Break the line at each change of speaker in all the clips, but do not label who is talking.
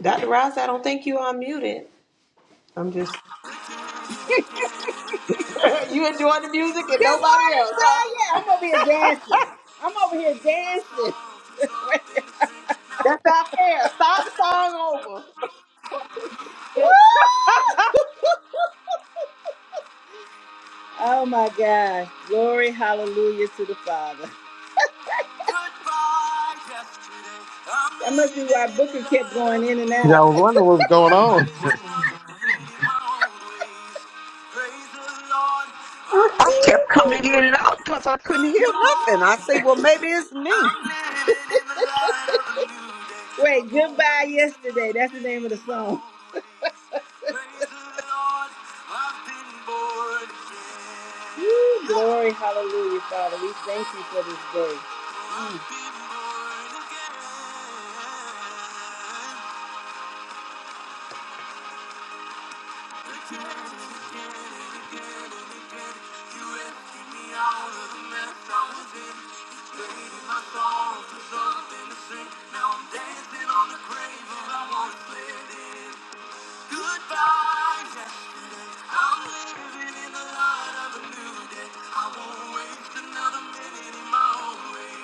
Dr. Ross, I don't think you are muted. I'm just you enjoying the music and
Good
nobody
morning,
else, huh?
Freya. I'm over here dancing. I'm over here dancing.
That's not fair. Start the song over.
Woo! oh my God! Glory, hallelujah to the Father. Goodbye, yesterday. I'm That must be why Booker kept going in and
Yeah, I
out.
was wondering what was going on.
I kept coming in and out because I couldn't hear nothing. I say, well, maybe it's me.
Wait, goodbye yesterday. That's the name of the song. Woo, glory, hallelujah, Father. We thank you for this day. Mm. I'm living in the light of a new day. I won't waste another minute in my own way.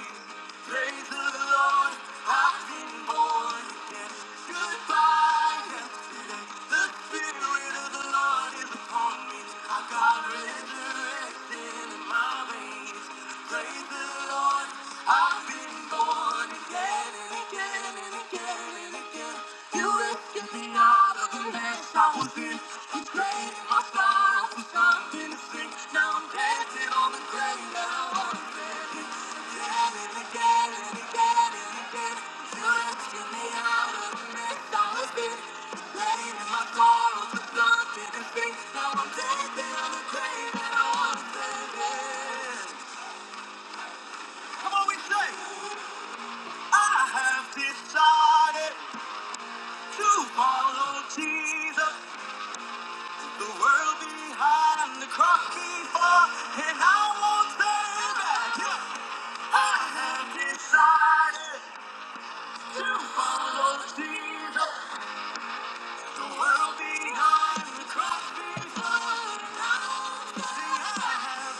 Praise the Lord, I've been born. Goodbye, the Spirit of the Lord is upon me. I got resurrection in my veins. Praise the Lord, I've been born again and again and again and again. You rescued me out of the mess I was in. You traded my sorrow Follow Jesus, the world behind the cross before, and I won't stay back. Yeah. I have decided to follow Jesus. The world behind the cross before now. See, I have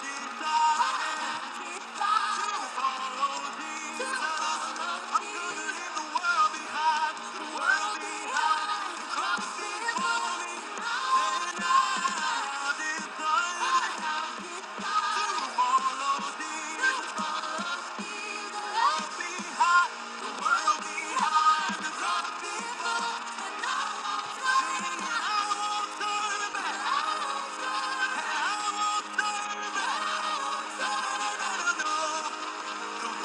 decided to follow Jesus. I'm gonna leave the world behind, the world behind. The cross is for me, and I decide to follow Jesus. The world behind, the world behind. The cross is for me, and I won't turn back. And I won't turn back. No, no, no, no, no. Thank you.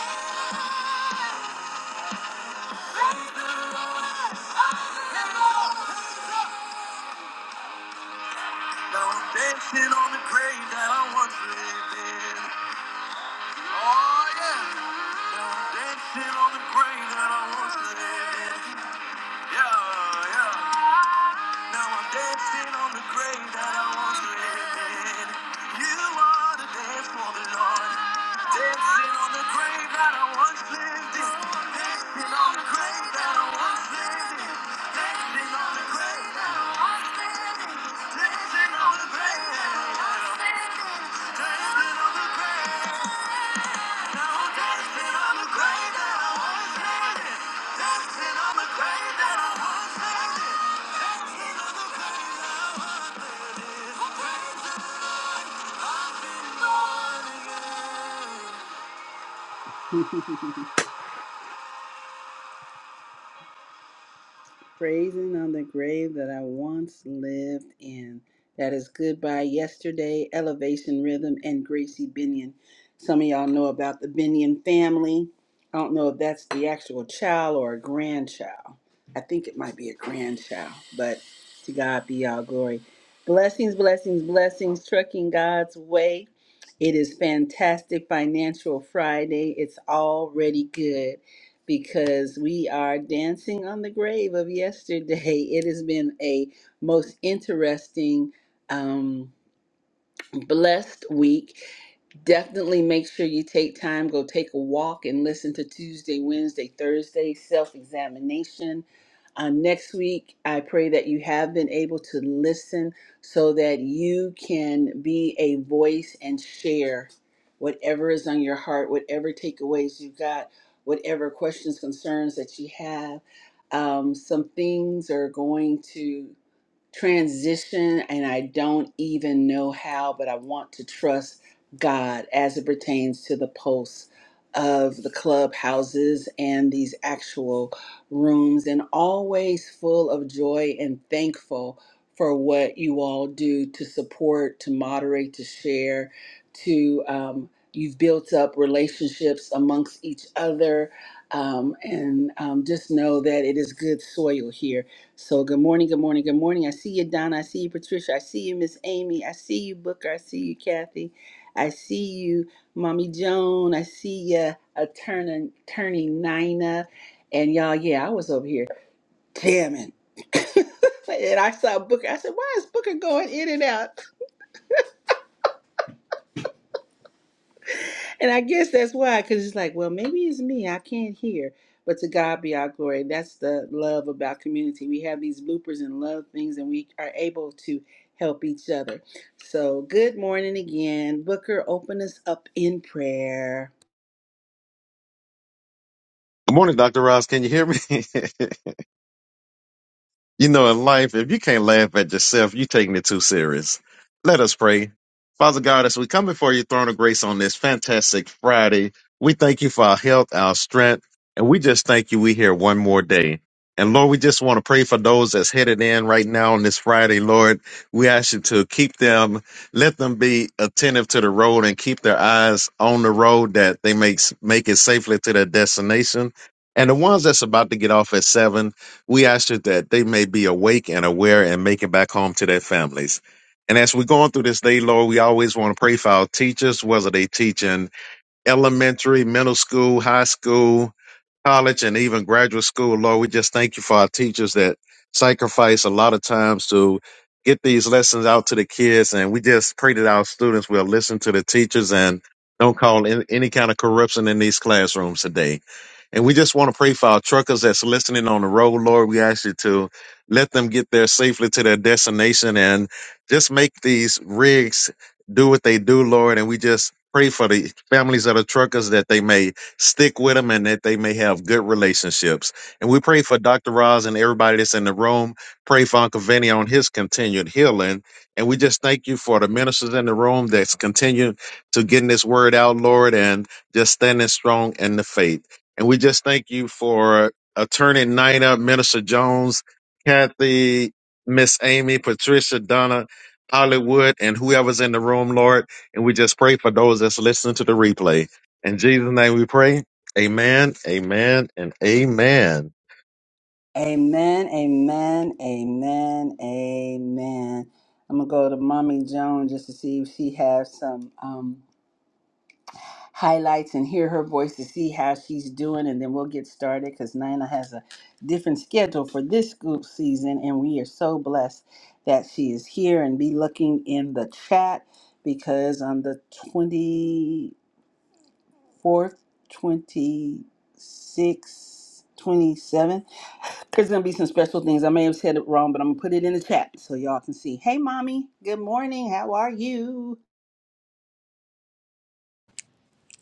Oh! Now I'm dancing on the grave that I once lived in. Oh yeah. Now I'm dancing on the grave that I once lived in. Yeah, yeah. Now I'm dancing on the grave that I once lived in. You are the dance for the Lord. Dancing on the grave that I once lived in. Dancing on the grave that I once lived in. Dancing on the grave that I once lived in. Yeah. praising on the grave that I once lived in. That is Goodbye Yesterday, Elevation Rhythm, and Gracie Binion. Some of y'all know about the Binion family. I don't know if that's the actual child or a grandchild. I think it might be a grandchild, but to God be all glory. Blessings, blessings, blessings, trucking God's way. It is fantastic Financial Friday. It's already good because we are dancing on the grave of yesterday. It has been a most interesting, um, blessed week. Definitely make sure you take time, go take a walk and listen to Tuesday, Wednesday, Thursday self examination. Uh, next week, I pray that you have been able to listen so that you can be a voice and share whatever is on your heart, whatever takeaways you got, whatever questions, concerns that you have. Um, some things are going to transition and I don't even know how, but I want to trust God as it pertains to the posts of the clubhouses and these actual rooms, and always full of joy and thankful for what you all do to support, to moderate, to share, to um, you've built up relationships amongst each other. Um, and um, just know that it is good soil here so good morning, good morning, good morning. I see you, Donna. I see you, Patricia. I see you, Miss Amy. I see you, Booker. I see you, Kathy. I see you, Mommy Joan. I see you, Attorney, attorney Nina. And y'all, yeah, I was over here jamming. and I saw Booker. I said, why is Booker going in and out? And I guess that's why, because it's like, well, maybe it's me. I can't hear. But to God be our glory. That's the love about community. We have these bloopers and love things, and we are able to help each other. So, good morning again. Booker, open us up in prayer.
Good morning, Dr. Ross. Can you hear me? You know, in life, if you can't laugh at yourself, you're taking it too serious. Let us pray. Father God, as we come before your throne of grace on this fantastic Friday, we thank you for our health, our strength, and we just thank you we here one more day. And Lord, we just want to pray for those that's headed in right now on this Friday, Lord. We ask you to keep them, let them be attentive to the road and keep their eyes on the road that they make, make it safely to their destination. And the ones that's about to get off at seven, we ask you that they may be awake and aware and make it back home to their families. And as we're going through this day, Lord, we always want to pray for our teachers, whether they teach in elementary, middle school, high school, college, and even graduate school. Lord, we just thank you for our teachers that sacrifice a lot of times to get these lessons out to the kids. And we just pray that our students will listen to the teachers and don't call in any kind of corruption in these classrooms today. And we just want to pray for our truckers that's listening on the road, Lord. We ask you to let them get there safely to their destination and just make these rigs do what they do, Lord. And we just pray for the families of the truckers that they may stick with them and that they may have good relationships. And we pray for Dr. Roz and everybody that's in the room. Pray for Uncle Vinny on his continued healing. And we just thank you for the ministers in the room that's continuing to getting this word out, Lord, and just standing strong in the faith. And we just thank you for Attorney Nina, Minister Jones, Kathy, Miss Amy, Patricia, Donna, Hollywood, and whoever's in the room, Lord. And we just pray for those that's listening to the replay. In Jesus' name we pray. Amen, amen, and amen.
Amen, amen, amen, amen. I'm gonna go to Mommy Joan just to see if she has some. highlights and hear her voice to see how she's doing, and then we'll get started because Nina has a different schedule for this group season, and we are so blessed that she is here. And be looking in the chat because on the 24th, 26th, 27th, there's gonna be some special things. I may have said it wrong, but I'm gonna put it in the chat so y'all can see. Hey, mommy. Good morning. How are you?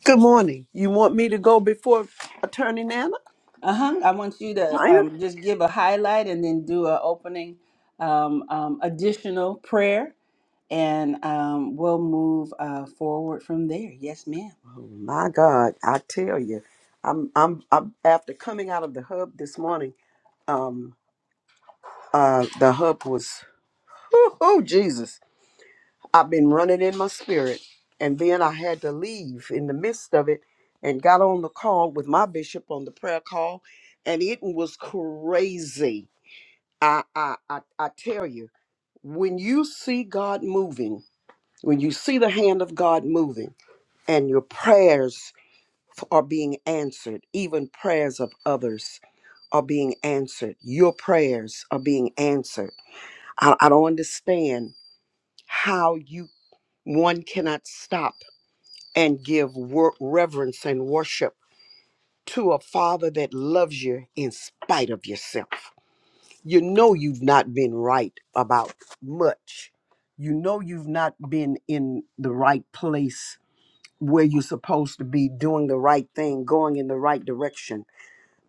Good morning. You want me to go before Attorney Nana?
Uh-huh. I want you to
Nina?
um, just give a highlight and then do an opening um, um, additional prayer, and um, we'll move uh, forward from there. Yes, ma'am.
Oh my God, I tell you, I'm I'm, I'm after coming out of the hub this morning. Um, uh, the hub was, oh Jesus, I've been running in my spirit, and then I had to leave in the midst of it, and got on the call with my bishop on the prayer call, and it was crazy I, I, I, I tell you, when you see God moving, when you see the hand of God moving, and your prayers f- are being answered, even prayers of others are being answered, your prayers are being answered. I, I don't understand how you one cannot stop and give wor- reverence and worship to a father that loves you in spite of yourself. you know you've not been right about much. You know you've not been in the right place where you're supposed to be doing the right thing, going in the right direction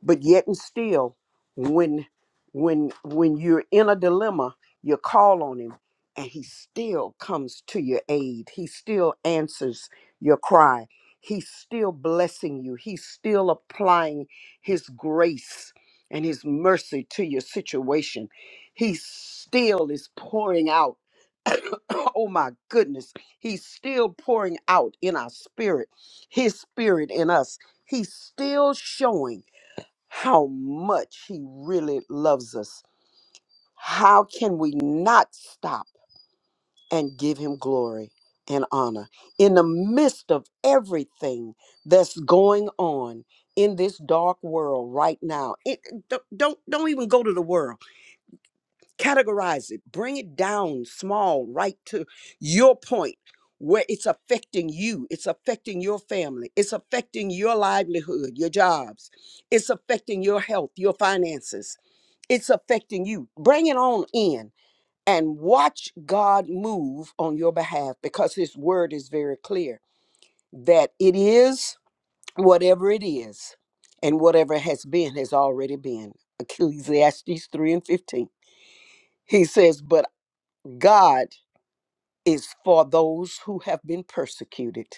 but yet and still when when when you're in a dilemma you call on him and he still comes to your aid he still answers your cry he's still blessing you he's still applying his grace and his mercy to your situation he still is pouring out oh my goodness he's still pouring out in our spirit his spirit in us he's still showing how much He really loves us. How can we not stop and give Him glory and honor in the midst of everything that's going on in this dark world right now? It, don't don't don't even go to the world. Categorize it. Bring it down small, right to your point. Where it's affecting you, it's affecting your family, it's affecting your livelihood, your jobs, it's affecting your health, your finances, it's affecting you. Bring it on in and watch God move on your behalf because His word is very clear that it is whatever it is, and whatever has been has already been. Ecclesiastes 3 and 15. He says, But God is for those who have been persecuted.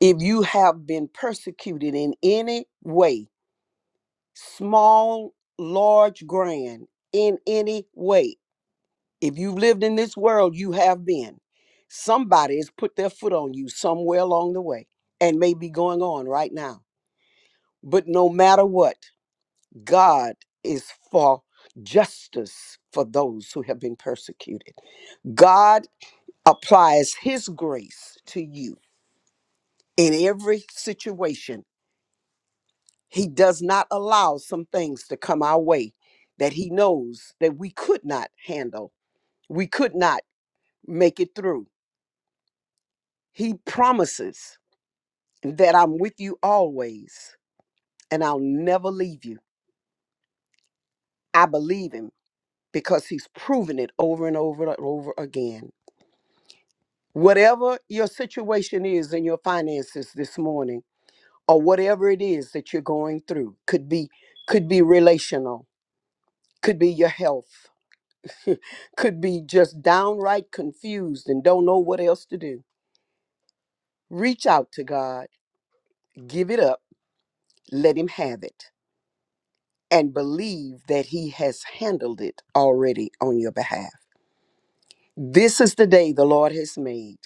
If you have been persecuted in any way, small, large, grand, in any way, If you've lived in this world, you have been. Somebody has put their foot on you somewhere along the way and may be going on right now. But no matter what, God is for justice for those who have been persecuted. God applies His grace to you in every situation. He does not allow some things to come our way that He knows that we could not handle, we could not make it through. He promises that I'm with you always and I'll never leave you. I believe him because he's proven it over and over and over again. Whatever your situation is in your finances this morning or whatever it is that you're going through could be could be relational, could be your health, could be just downright confused and don't know what else to do. Reach out to God, give it up, let him have it and believe that he has handled it already on your behalf. This is the day the Lord has made.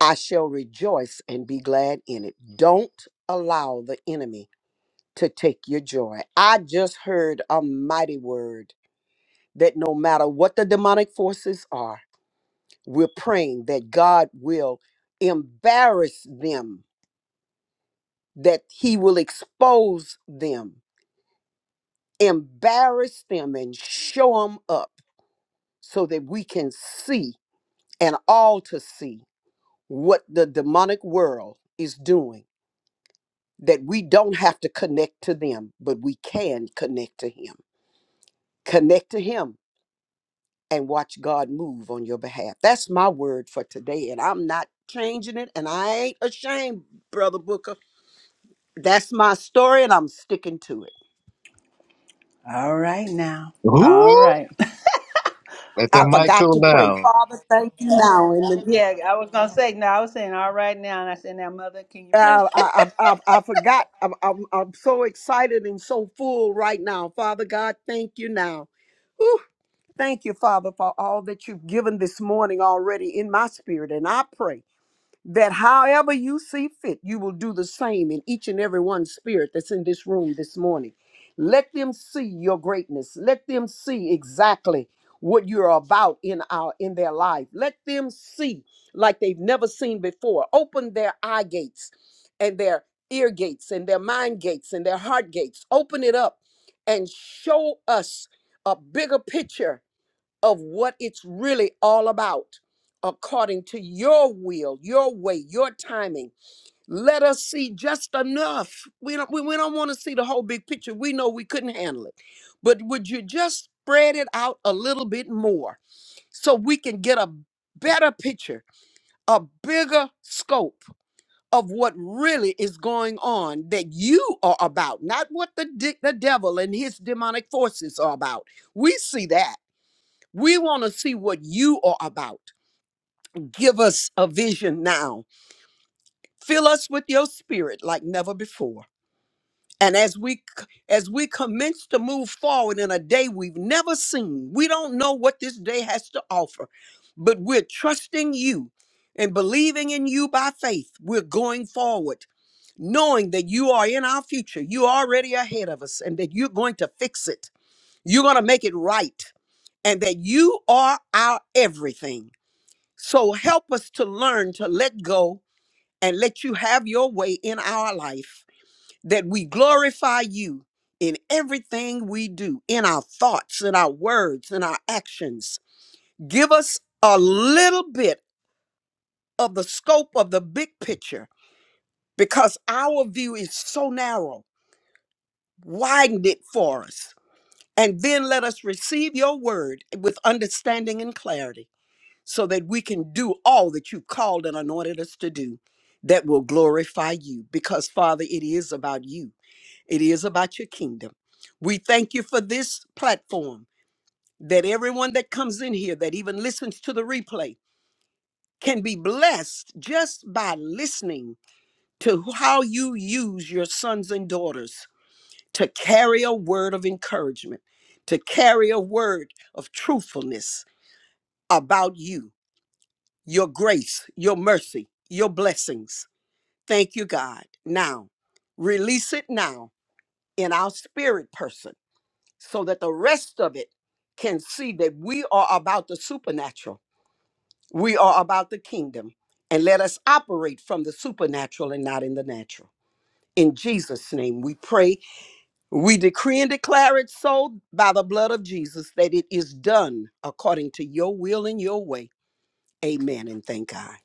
I shall rejoice and be glad in it. Don't allow the enemy to take your joy. I just heard a mighty word that no matter what the demonic forces are, we're praying that God will embarrass them, that He will expose them, embarrass them, and show them up so that we can see and all to see what the demonic world is doing that we don't have to connect to them, but we can connect to Him. Connect to Him and watch God move on your behalf. That's my word for today, and I'm not changing it, and I ain't ashamed, Brother Booker. That's my story, and I'm sticking to it.
All right now. All
Woo!
right.
Let that
I
mic
forgot
cool
to pray.
down.
Father, thank you now. And
Yeah, I was gonna say no. I was saying all right now, and I said, "Now, mother, can you pray?"
uh, I, I, I, I forgot. I'm, I'm, I'm so excited and so full right now. Father God, thank you now. Thank you, Father, for all that you've given this morning already in my spirit. And I pray that however you see fit, you will do the same in each and every one spirit that's in this room this morning. Let them see your greatness. Let them see exactly what you're about in our in their life. Let them see like they've never seen before. Open their eye gates and their ear gates and their mind gates and their heart gates. Open it up and show us a bigger picture of what it's really all about according to your will, your way, your timing. Let us see just enough. We don't we, we don't want to see the whole big picture. We know we couldn't handle it. But would you just spread it out a little bit more so we can get a better picture, a bigger scope of what really is going on that you are about, not what the de- the devil and his demonic forces are about. We see that. We want to see what you are about. Give us a vision now. Fill us with your spirit like never before. And as we as we commence to move forward in a day we've never seen, we don't know what this day has to offer, but we're trusting you and believing in you by faith. We're going forward, knowing that you are in our future. You're already ahead of us and that you're going to fix it. You're going to make it right and that you are our everything. So help us to learn to let go and let you have your way in our life, that we glorify you in everything we do, in our thoughts, in our words, in our actions. Give us a little bit of the scope of the big picture because our view is so narrow. Widen it for us. And then let us receive your word with understanding and clarity. so that we can do all that you've called and anointed us to do that will glorify you. Because, Father, it is about you, it is about your kingdom. We thank you for this platform that everyone that comes in here, that even listens to the replay, can be blessed just by listening to how you use your sons and daughters to carry a word of encouragement, to carry a word of truthfulness about you your grace, your mercy, your blessings. Thank you, God. Now, release it now in our spirit person so that the rest of it can see that we are about the supernatural. We are about the kingdom. And let us operate from the supernatural and not in the natural. In Jesus' name, we pray. We decree and declare it so by the blood of Jesus that it is done according to your will and your way. Amen. And thank God.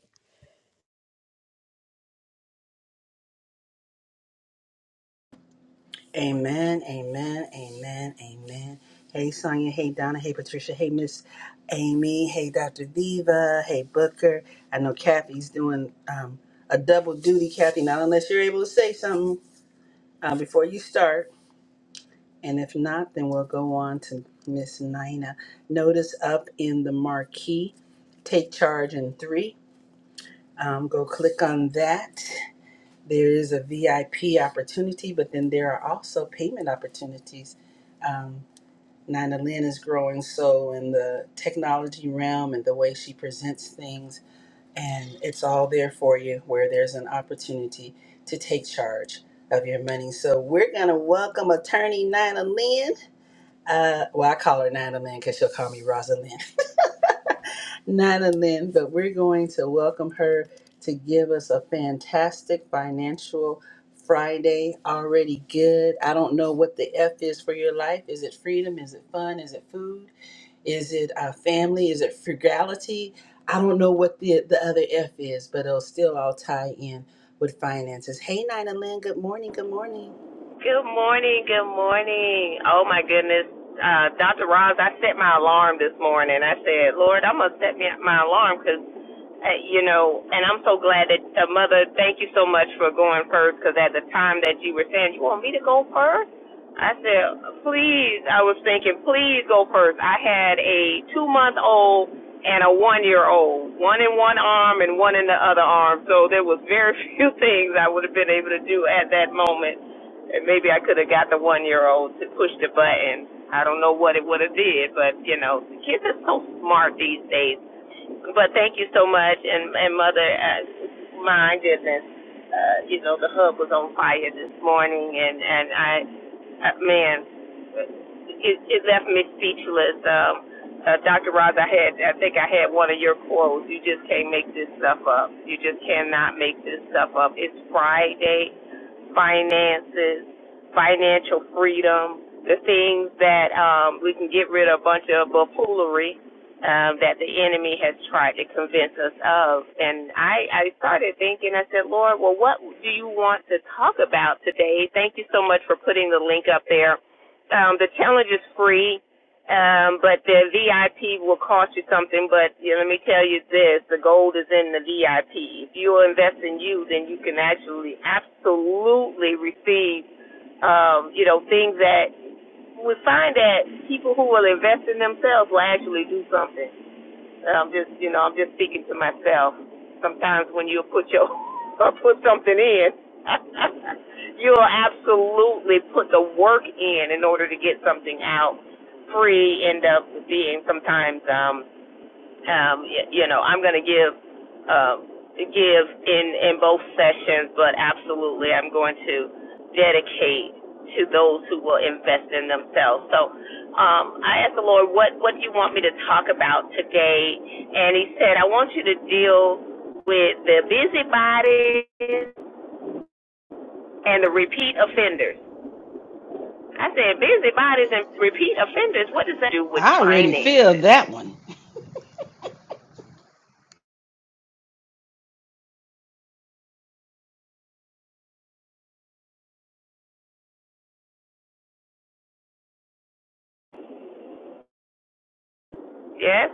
Amen, amen, amen, amen. Hey, Sonia. Hey, Donna. Hey, Patricia. Hey, Miss Amy. Hey, Dr. Diva. Hey, Booker. I know Kathy's doing um, a double duty, Kathy, not unless you're able to say something uh, before you start. And if not, then we'll go on to Miss Nina. Notice up in the marquee, take charge in three. Um, go click on that. There is a VIP opportunity, but then there are also payment opportunities. Um, Nina Lynn is growing so in the technology realm and the way she presents things. And it's all there for you where there's an opportunity to take charge of your money. So we're going to welcome attorney Nina Lynn. Uh, well, I call her Nina Lynn because she'll call me Rosalind. Nina Lynn, but we're going to welcome her to give us a fantastic financial Friday already good. I don't know what the F is for your life. Is it freedom? Is it fun? Is it food? Is it uh, family? Is it frugality? I don't know what the, the other F is, but it'll still all tie in with finances. Hey, Nina Lynn, good morning. Good morning.
Good morning. Good morning. Oh my goodness. Uh, Dr. Roz, I set my alarm this morning. I said, Lord, I'm going to set me, my alarm because, uh, you know, and I'm so glad that, uh, Mother, thank you so much for going first because at the time that you were saying, you want me to go first? I said, please. I was thinking, please go first. I had a two month old and a one year old, one in one arm and one in the other arm. So there was very few things I would have been able to do at that moment and maybe I could have got the one year old to push the button. I don't know what it would have did, but you know, the kids are so smart these days. But thank you so much, and and mother, uh, my goodness, uh, you know, the hub was on fire this morning, and and I, uh, man, it it left me speechless. Um, uh, Dr. Roz, I had I think I had one of your quotes. You just can't make this stuff up. You just cannot make this stuff up. It's Friday finances, financial freedom, the things that um, we can get rid of a bunch of buffoonery um, that the enemy has tried to convince us of. And I, I started thinking, I said, Lord, well, what do you want to talk about today? Thank you so much for putting the link up there. Um, the challenge is free. Um, but the VIP will cost you something. But you know, let me tell you this: the gold is in the VIP. If you invest in you, then you can actually absolutely receive, um, you know, things that we find that people who will invest in themselves will actually do something. I'm just, you know, I'm just speaking to myself. Sometimes when you put your put something in, you'll absolutely put the work in in order to get something out. Free end up being sometimes um um, y- you know, I'm going to give uh, give in in both sessions, but absolutely, I'm going to dedicate to those who will invest in themselves. So, um, I asked the Lord, what what do you want me to talk about today? And He said, I want you to deal with the busybodies and the repeat offenders. I said, busybodies and repeat offenders. What does that do with
I already feel
finances?
that one.
Yes?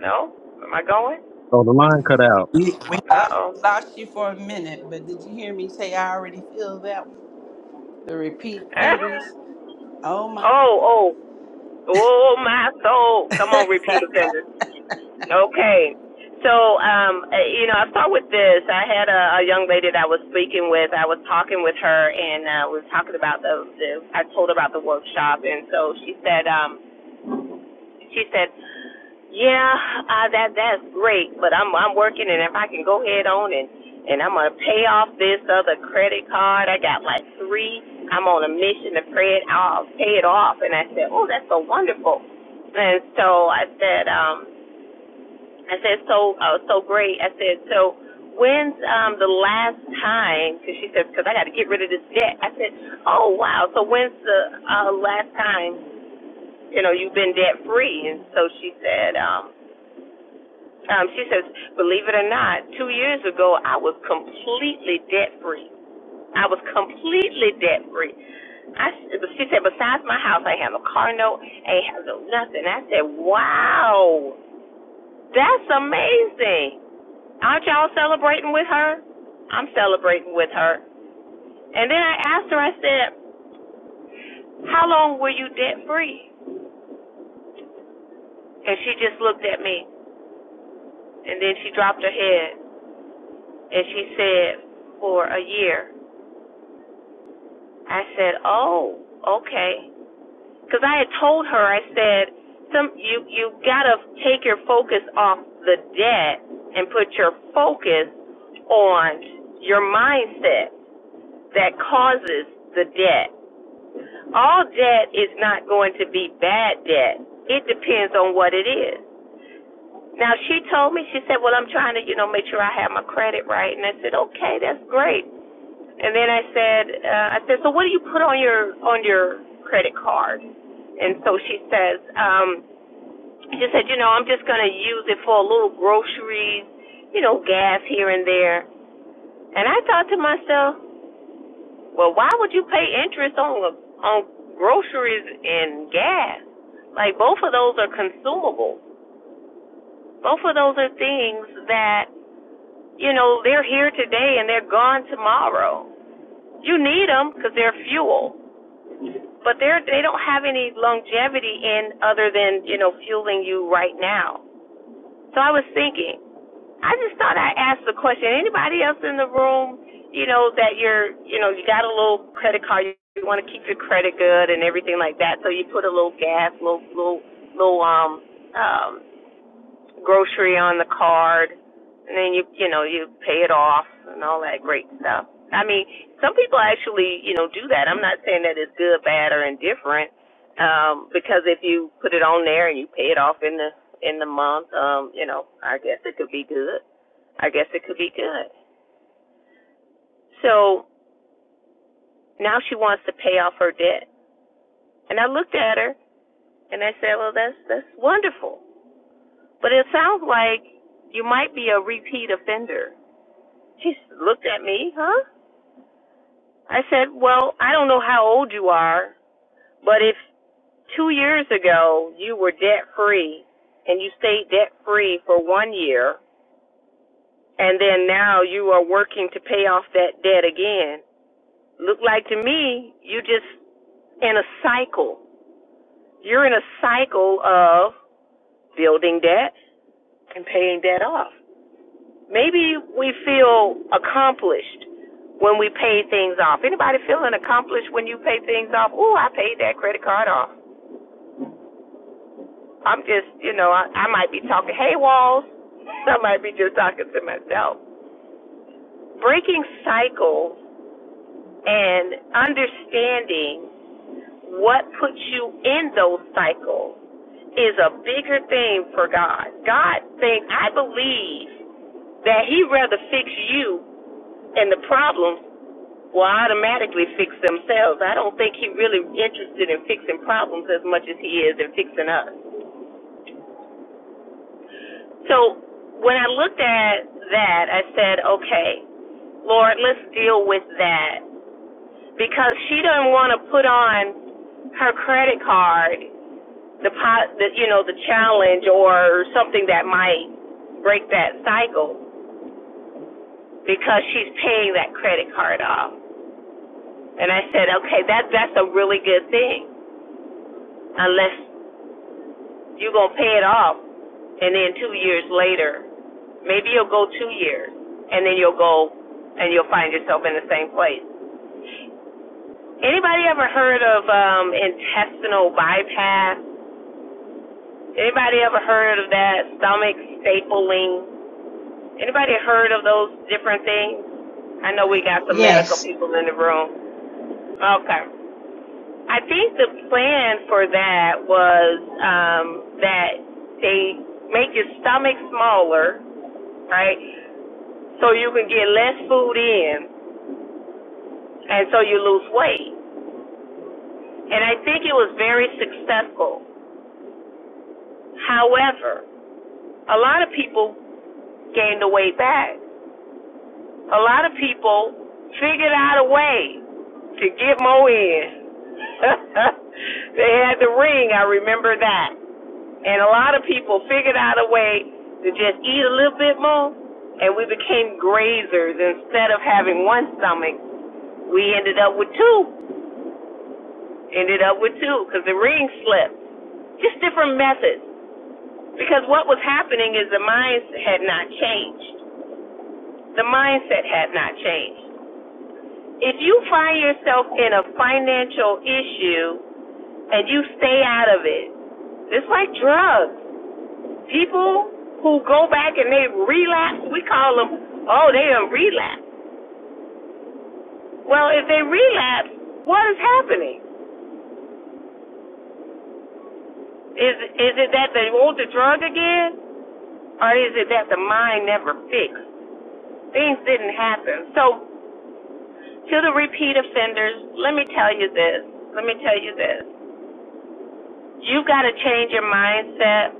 No? Am I going?
Oh, the line cut out.
We we
Uh
lost,
oh.
lost you for a minute, but did you hear me say I already feel that one? The repeat offenders. Oh my.
oh, oh, oh, my soul. Come on, repeat offenders. Okay. So, um, uh, you know, I'll start with this. I had a, a young lady that I was speaking with. I was talking with her, and uh, we were talking about the, the. I told her about the workshop, and so she said, um, she said, "Yeah, uh, that that's great, but I'm I'm working, and if I can go ahead on and and I'm gonna pay off this other credit card. I got like three. I'm on a mission to pay it off, pay it off." And I said, "Oh, that's so wonderful." And so I said, um, I said, "So uh, so great." I said, "So." When's um the last time? Because she said, because I got to get rid of this debt. I said, oh wow. So when's the uh, last time you know, you've been debt free. And so she said, um, um, she says, believe it or not, two years ago I was completely debt free. I was completely debt free. I, she said, besides my house, I have a car note, I ain't have no nothing. I said, wow, that's amazing. Aren't y'all celebrating with her? I'm celebrating with her. And then I asked her, I said, how long were you debt free? And she just looked at me, and then she dropped her head. And she said, for a year. I said, oh, okay. Because I had told her, I said, some you you gotta take your focus off the debt and put your focus on your mindset that causes the debt. All debt is not going to be bad debt. It depends on what it is. Now she told me, she said, Well, I'm trying to, you know, make sure I have my credit right and I said, Okay, that's great. And then I said, uh, I said, so what do you put on your on your credit card? And so she says, um, she said, you know, I'm just gonna use it for a little groceries, you know, gas here and there. And I thought to myself, well, why would you pay interest on on groceries and gas? Like both of those are consumable. Both of those are things that you know they're here today and they're gone tomorrow. You need them because they're fuel But they're they don't have any longevity in other than you know fueling you right now. So I was thinking, I just thought I asked the question. Anybody else in the room, you know, that you're you know you got a little credit card, you, you want to keep your credit good and everything like that, so you put a little gas, little little little um um grocery on the card, and then you you know you pay it off and all that great stuff. I mean, some people actually you know do that. I'm not saying that it's good, bad, or indifferent, um, because if you put it on there and you pay it off in the in the month, um, you know, I guess it could be good. I guess it could be good. So now she wants to pay off her debt, and I looked at her and I said, well, that's that's wonderful, but it sounds like you might be a repeat offender She looked at me, huh? I said, well, I don't know how old you are, but if two years ago you were debt free and you stayed debt free for one year, and then now you are working to pay off that debt again, look like to me you just in a cycle. You're in a cycle of building debt and paying debt off. Maybe we feel accomplished when we pay things off. Anybody feeling accomplished when you pay things off? Ooh, I paid that credit card off. I'm just, you know, I, I might be talking hay walls. I might be just talking to myself. Breaking cycles and understanding what puts you in those cycles is a bigger thing for God. God thinks, I believe that He'd rather fix you and the problems will automatically fix themselves. I don't think he's really interested in fixing problems as much as he is in fixing us. So when I looked at that, I said, okay, Lord, let's deal with that because she doesn't want to put on her credit card the pot, the, you know, the challenge or something that might break that cycle because she's paying that credit card off. And I said, okay, that that's a really good thing unless You're going to pay it off, and then two years later, maybe you'll go two years, and then you'll go and you'll find yourself in the same place. Anybody ever heard of um, intestinal bypass? Anybody ever heard of that stomach stapling? Anybody heard of those different things? I know we got some medical
Yes.
people in the room. Okay. I think the plan for that was um, that they make your stomach smaller, right? so you can get less food in and so you lose weight. And I think it was very successful. However, a lot of people gained the weight back. A lot of people figured out a way to get more in. they had the ring, I remember that. And a lot of people figured out a way to just eat a little bit more and we became grazers instead of having one stomach we ended up with two. Ended up with two because the ring slipped. Just different methods. Because what was happening is the mind had not changed. The mindset had not changed. If you find yourself in a financial issue and you stay out of it, it's like drugs. People who go back and they relapse, we call them, oh, they done relapse. Well, if they relapse, what is happening? Is is it that they want the drug again, or is it that the mind never fixed? things didn't happen. So to the repeat offenders, let me tell you this. Let me tell you this. You've got to change your mindset.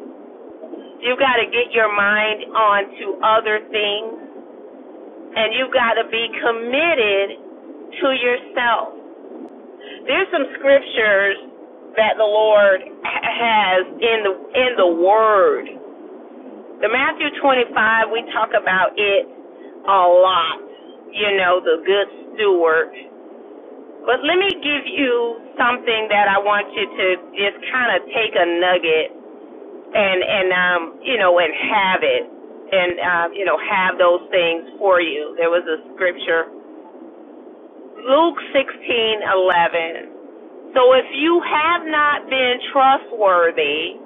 You've got to get your mind on to other things. And you've got to be committed to yourself. There's some scriptures that the Lord has in the in the Word. The Matthew 25, we talk about it a lot. You know, the good steward But let me give you something that I want you to just kind of take a nugget and and um you know and have it and uh, you know have those things for you. There was a scripture, Luke sixteen eleven. So if you have not been trustworthy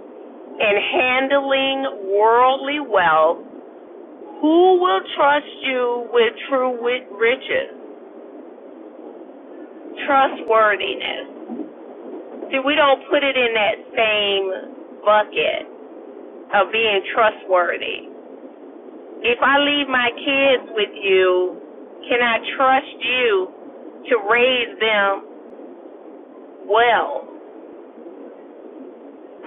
in handling worldly wealth, who will trust you with true riches? Trustworthiness. See, we don't put it in that same bucket of being trustworthy. If I leave my kids with you, can I trust you to raise them well?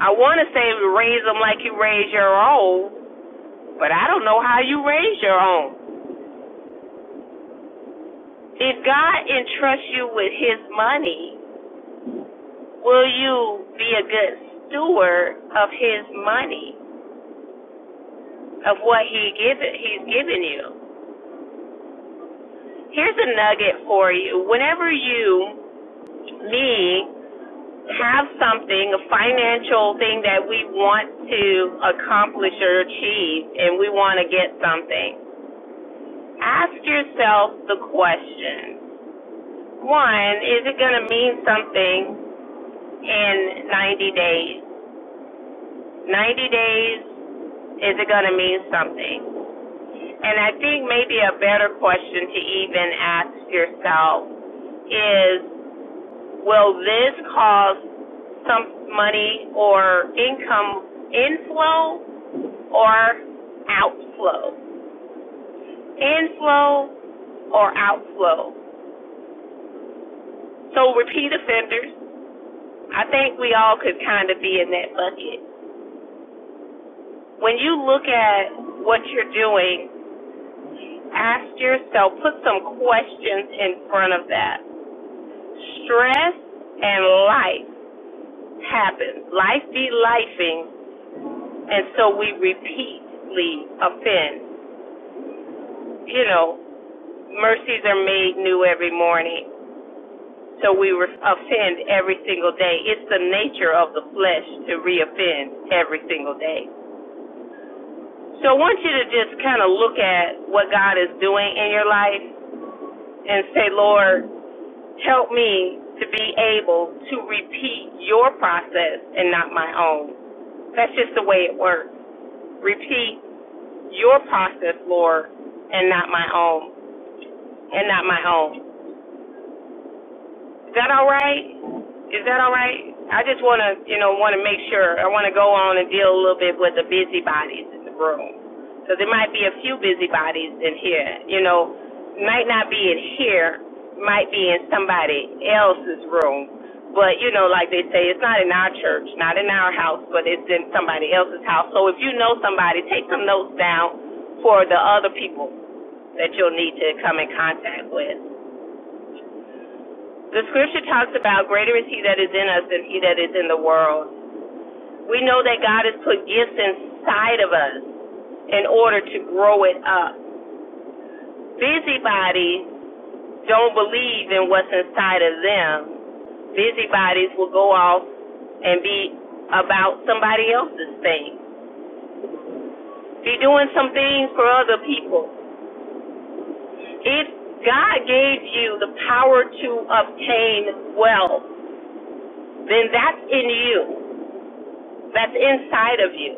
I want to say raise them like you raise your own, but I don't know how you raise your own. If God entrusts you with His money, will you be a good steward of His money, of what He given He's given you? Here's a nugget for you. Whenever you, me, have something, a financial thing that we want to accomplish or achieve, and we want to get something, ask yourself the question one, is it going to mean something in 90 days? 90 days, is it going to mean something? And I think maybe a better question to even ask yourself is Will this cause some money or income inflow or outflow? Inflow or outflow. So repeat offenders, I think we all could kind of be in that bucket. When you look at what you're doing, ask yourself, put some questions in front of that. Stress and life happens. Life be lifing, and so we repeatedly offend. you know, mercies are made new every morning. So we offend every single day. It's the nature of the flesh to reoffend every single day. So I want you to just kind of look at what God is doing in your life and say, Lord, help me to be able to repeat your process and not my own. That's just the way it works. Repeat your process, Lord, and not my own, and not my own. Is that all right? Is that all right? I just want to, you know, want to make sure. I want to go on and deal a little bit with the busybodies in the room. Because there might be a few busybodies in here, you know, might not be in here, might be in somebody else's room. But, you know, like they say, it's not in our church, not in our house, but it's in somebody else's house. So if you know somebody, take some notes down for the other people that you'll need to come in contact with. The scripture talks about greater is he that is in us than he that is in the world. We know that God has put gifts inside of us in order to grow it up. Busybodies don't believe in what's inside of them. Busybodies will go off and be about somebody else's thing. Be doing some things for other people. If God gave you the power to obtain wealth, then that's in you. That's inside of you.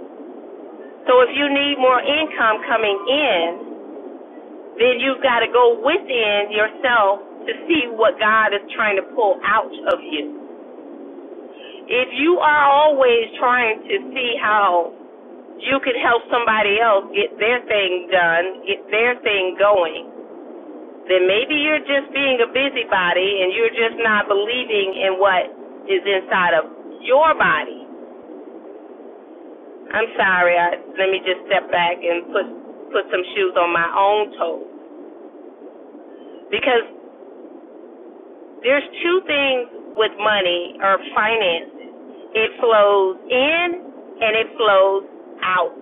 So if you need more income coming in, then you've got to go within yourself to see what God is trying to pull out of you. If you are always trying to see how you could help somebody else get their thing done, get their thing going, then maybe you're just being a busybody and you're just not believing in what is inside of your body. I'm sorry, I, let me just step back and put put some shoes on my own toes because There's two things with money or finances. It flows in and it flows out.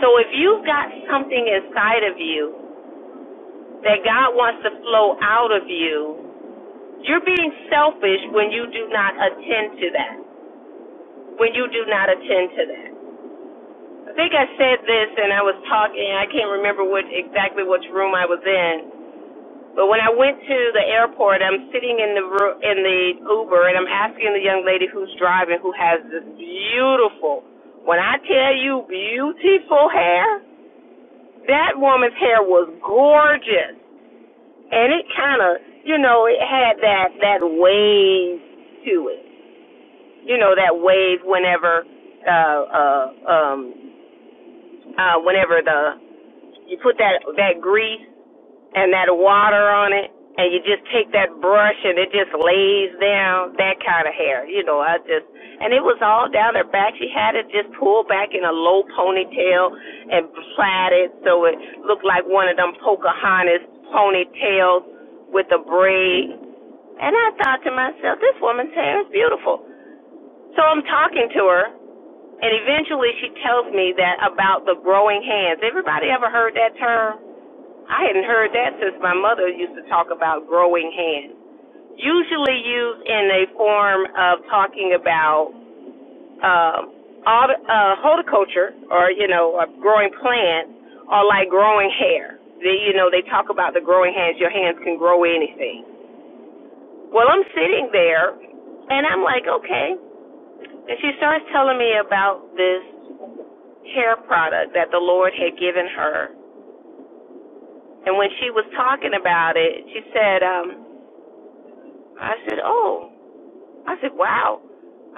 So if you've got something inside of you that God wants to flow out of you, you're being selfish when you do not attend to that. When you do not attend to that. I think I said this and I was talking, I can't remember what exactly which room I was in, But when I went to the airport, I'm sitting in the in the Uber, and I'm asking the young lady who's driving, who has this beautiful, when I tell you beautiful hair, that woman's hair was gorgeous, and it kind of, you know, it had that that wave to it, you know, that wave whenever, uh, uh, um, uh, whenever the you put that that grease and that water on it, and you just take that brush and it just lays down that kind of hair. You know, I just and it was all down her back. She had it just pulled back in a low ponytail and plaited, so it looked like one of them Pocahontas ponytails with a braid. And I thought to myself, this woman's hair is beautiful. So I'm talking to her, and eventually she tells me that about the growing hands. Everybody ever heard that term? I hadn't heard that since my mother used to talk about growing hands. Usually used in a form of talking about um, uh, horticulture or, you know, growing plants or like growing hair. They, you know, they talk about the growing hands. Your hands can grow anything. Well, I'm sitting there and I'm like, okay. And she starts telling me about this hair product that the Lord had given her. And when she was talking about it, she said, um, I said, Oh. I said, Wow.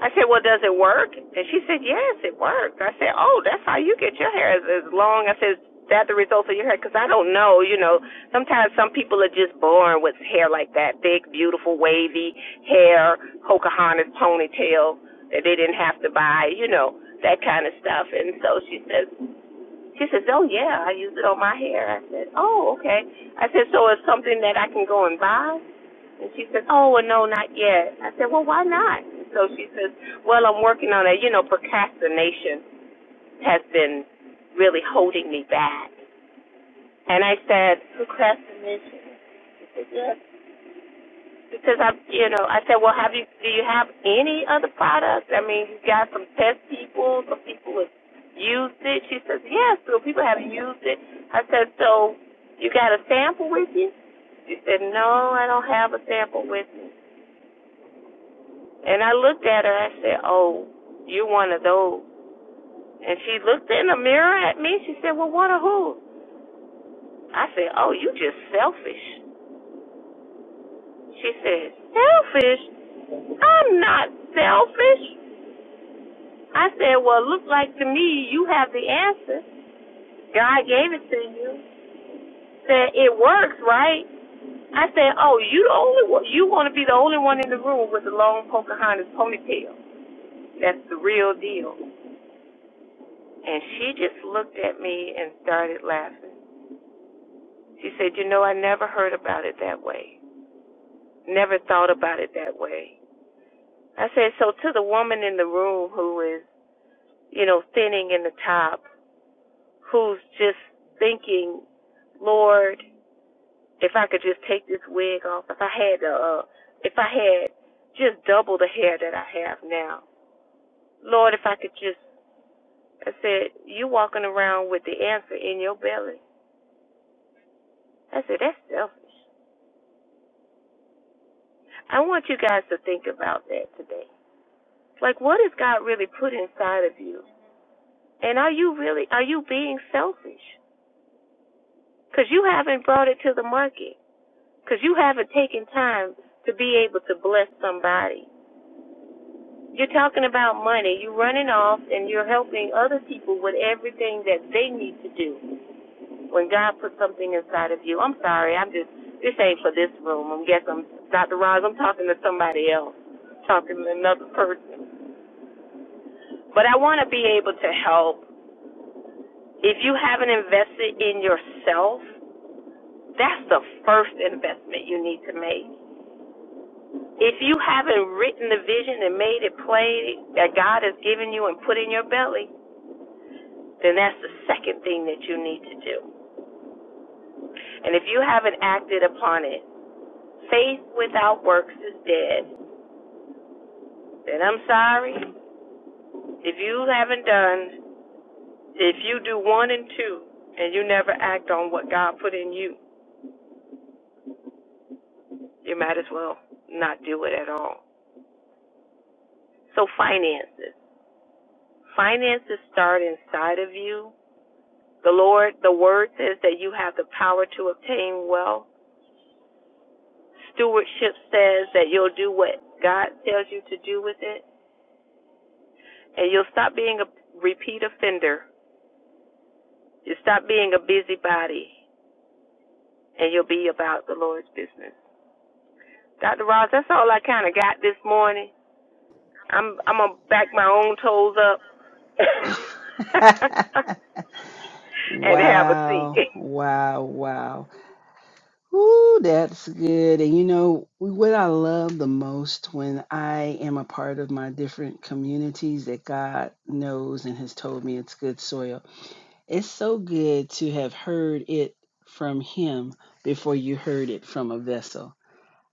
I said, Well, does it work? And she said, Yes, it worked. I said, Oh, that's how you get your hair as, as long. I said, Is that the result of your hair? Because I don't know. You know, sometimes some people are just born with hair like that thick, beautiful, wavy hair, Pocahontas ponytail that they didn't have to buy, you know, that kind of stuff. And so she says, she says, oh yeah, I use it on my hair. I said, oh okay. I said, so it's something that I can go and buy. And she says, Oh, well, no, not yet. I said, Well, why not? So she says, Well, I'm working on it. You know, procrastination has been really holding me back. And I said, Procrastination? She said, Yes. Because I, you know, I said, Well, have you? Do you have any other products? I mean, you got some test people, some people have used it. She says, Yes, so people have used it. I said, So you got a sample with you? She said, No, I don't have a sample with me. And I looked at her. I said, "Oh, you're one of those." And she looked in the mirror at me. She said, "Well, one of who?" I said, "Oh, you just selfish." She said, "Selfish? I'm not selfish." I said, "Well, look like to me you have the answer. God gave it to you. Said it works, right?" I said, "Oh, you the only one. You want to be the only one in the room with the long Pocahontas ponytail. That's the real deal." And she just looked at me and started laughing. She said, You know, I never heard about it that way. Never thought about it that way. I said, So to the woman in the room who is, you know, thinning in the top, who's just thinking, Lord, if I could just take this wig off, if I had, uh, if I had just double the hair that I have now, Lord, if I could just, I said, you walking around with the answer in your belly. I said, that's selfish. I want you guys to think about that today. Like, what has God really put inside of you? And are you really, are you being selfish? Because you haven't brought it to the market. Because you haven't taken time to be able to bless somebody. You're talking about money. You're running off and you're helping other people with everything that they need to do when God put something inside of you. I'm sorry. I'm just, this ain't for this room. I guess I'm Dr. Roz, I'm talking to somebody else, talking to another person. But I want to be able to help. If you haven't invested in yourself, that's the first investment you need to make. If you haven't written the vision and made it plain that God has given you and put in your belly, then that's the second thing that you need to do. And if you haven't acted upon it, faith without works is dead. Then I'm sorry. If you haven't done, if you do one and two and you never act on what God put in you, You might as well not do it at all. So finances. Finances start inside of you. The Lord, the word says that you have the power to obtain wealth. Stewardship says that you'll do what God tells you to do with it. And you'll stop being a repeat offender. You will stop being a busybody and you'll be about the Lord's business. Dr. Ross, that's all I kind of got this morning. I'm I'm gonna back my own toes up. and have a seat.
wow. Wow. Wow. Ooh, that's good. And you know what I love the most when I am a part of my different communities that God knows and has told me it's good soil. It's so good to have heard it from Him before you heard it from a vessel.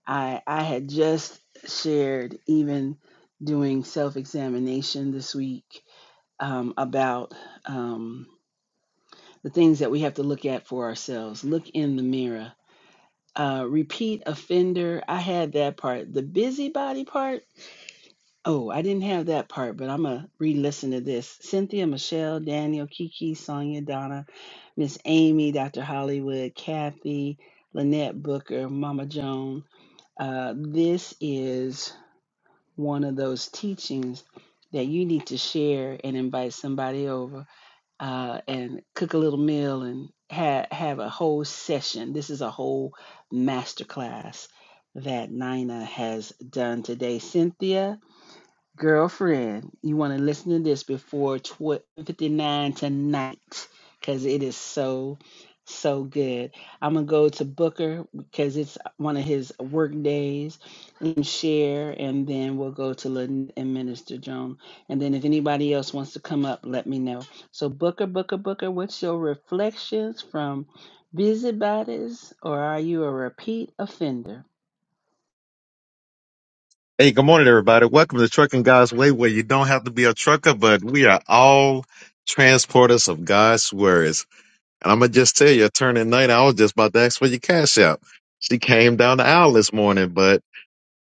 I I had just shared even doing self examination this week um, about um, the things that we have to look at for ourselves. Look in the mirror. Uh, repeat offender. I had that part. The busybody part. Oh, I didn't have that part, but I'm gonna re-listen to this. Cynthia, Michelle, Daniel, Kiki, Sonia, Donna, Miss Amy, Dr. Hollywood, Kathy, Lynette Booker, Mama Joan. Uh, this is one of those teachings that you need to share and invite somebody over uh, and cook a little meal and have have a whole session. This is a whole masterclass that Nina has done today. Cynthia, Girlfriend, you want to listen to this before 12:59 tonight because it is so, so good. I'm going to go to Booker because it's one of his work days and share, and then we'll go to Lynn and Minister Joan. And then if anybody else wants to come up, let me know. So, Booker, Booker, Booker, what's your reflections from Busybodies, or are you a repeat offender?
Hey, good morning, everybody. Welcome to Trucking God's Way, where you don't have to be a trucker, but we are all transporters of God's words. And I'm gonna just tell you, attorney night, I was just about to ask for your cash out. She came down the aisle this morning, bud.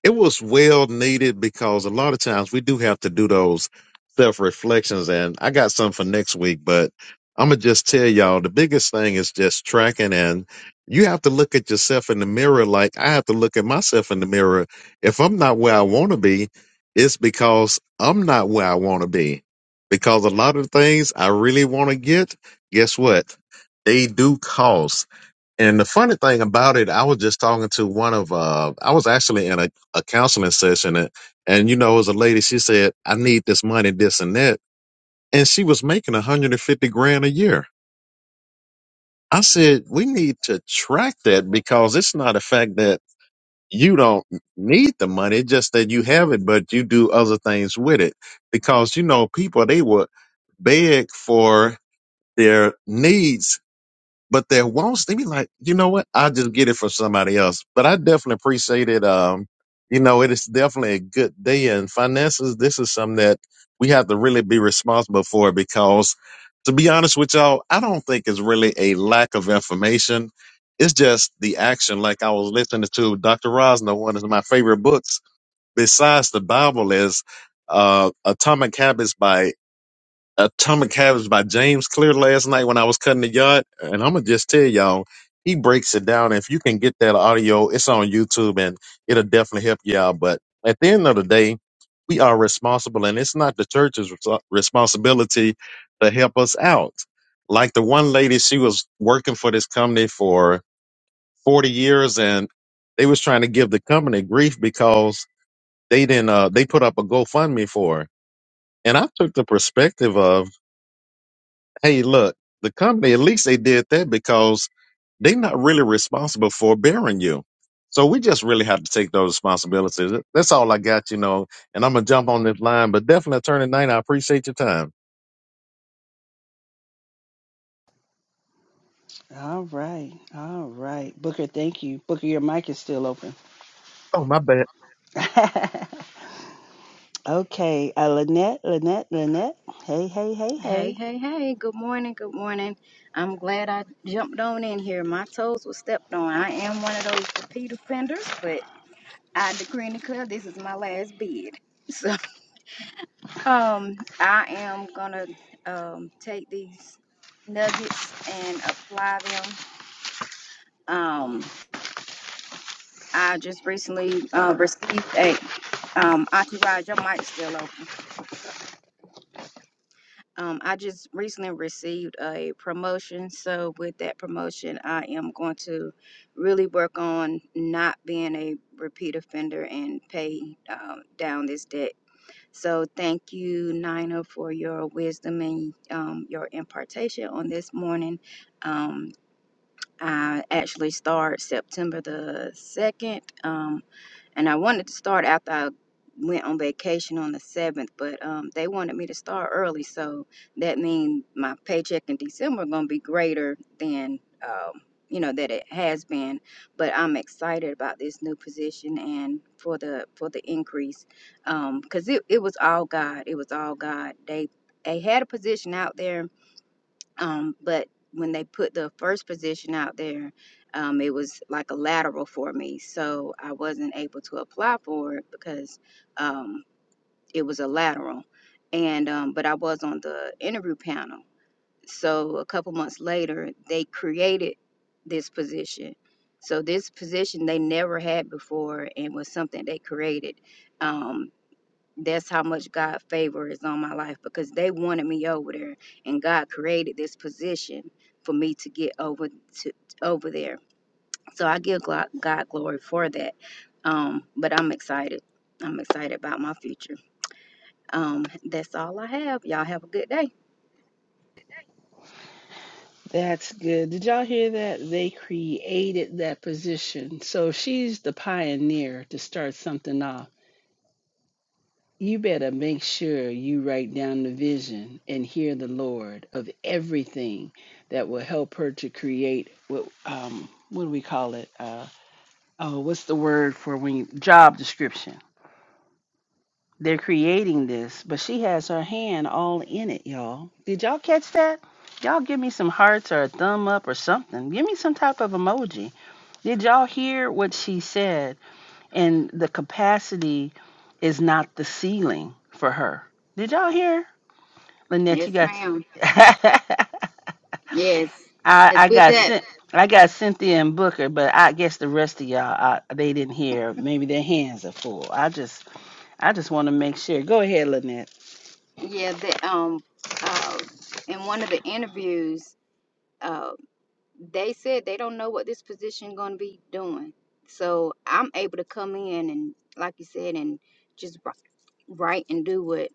It was well needed because a lot of times we do have to do those self reflections. And I got some for next week, but I'm going to just tell y'all the biggest thing is just tracking. And you have to look at yourself in the mirror like I have to look at myself in the mirror. If I'm not where I want to be, it's because I'm not where I want to be. Because a lot of things I really want to get, guess what? They do cost. And the funny thing about it, I was just talking to one of, uh, I was actually in a, a counseling session, and, and you know, it was a lady. She said, "I need this money, this and that," and she was making 150 grand a year. I said, "We need to track that because it's not a fact that you don't need the money; it's just that you have it, but you do other things with it." Because you know, people they would beg for their needs but their wants, they be like, you know what? I just get it from somebody else. But I definitely appreciate it. Um, you know, it is definitely a good day in finances. This is something that we have to really be responsible for because to be honest with y'all, I don't think it's really a lack of information. It's just the action. Like I was listening to Dr. Rosner, one of my favorite books besides the Bible is, uh, Atomic Habits by Atomic Habits by James Clear last night when I was cutting the yard. And I'm going to just tell y'all, he breaks it down. If you can get that audio, it's on YouTube and it'll definitely help you out. But at the end of the day, we are responsible and it's not the church's res- responsibility to help us out. Like the one lady, she was working for this company for 40 years and they was trying to give the company grief because they didn't, uh, they put up a GoFundMe for her. And I took the perspective of, hey, look, the company, at least they did that because they're not really responsible for bearing you. So we just really have to take those responsibilities. That's all I got, you know. And I'm gonna jump on this line, but definitely attorney nine, I appreciate your time.
All right. All right. Booker, thank you. Booker, your mic is still open.
Oh my bad.
okay. Uh, Lynette, Lynette, Lynette. Hey, hey, hey,
Hey,
hey.
hey, hey, good morning, good morning. I'm glad I jumped on in here. My toes were stepped on. I am one of those repeat offenders, but I decree and declare this is my last bid. So um I am gonna um take these nuggets and apply them. Um I just recently uh received a um entourage, your mic's still open. Um, I just recently received a promotion, so with that promotion, I am going to really work on not being a repeat offender and pay um, down this debt. So thank you, Nina, for your wisdom and um, your impartation on this morning. Um, I actually start September the 2nd. Um, and I wanted to start after I went on vacation on the seventh, but um, they wanted me to start early, so that means my paycheck in December gonna be greater than um, you know that it has been. But I'm excited about this new position and for the for the increase, because it it was all God. It was all God. They they had a position out there um, but when they put the first position out there, um, it was like a lateral for me, so I wasn't able to apply for it because um, it was a lateral. And um, but I was on the interview panel. So a couple months later, they created this position. So this position they never had before, and was something they created. Um, that's how much God favor is on my life because they wanted me over there and God created this position for me to get over to over there. So I give glo- God glory for that. Um, but I'm excited. I'm excited about my future. Um, that's all I have. Y'all have a good day.
That's good. Did y'all hear that? They created that position. So she's the pioneer to start something off. You better make sure you write down the vision and hear the Lord of everything that will help her to create what um what do we call it? Uh oh, what's the word for when you, job description. They're creating this, but she has her hand all in it, y'all. Did y'all catch that? Y'all give me some hearts or a thumb up or something. Give me some type of emoji. Did y'all hear what she said? and the capacity is not the ceiling for her. Did y'all hear? Lynette,
Yes,
you
ma'am.
got
Yes.
I,
It's
I
with
got
that.
sent. I got Cynthia and Booker, but I guess the rest of y'all I, they didn't hear. Maybe their hands are full. I just I just want to make sure. Go ahead, Lynette.
Yeah, that um uh in one of the interviews uh, they said they don't know what this position going to be doing. So I'm able to come in and, like you said, and just wri- write and do what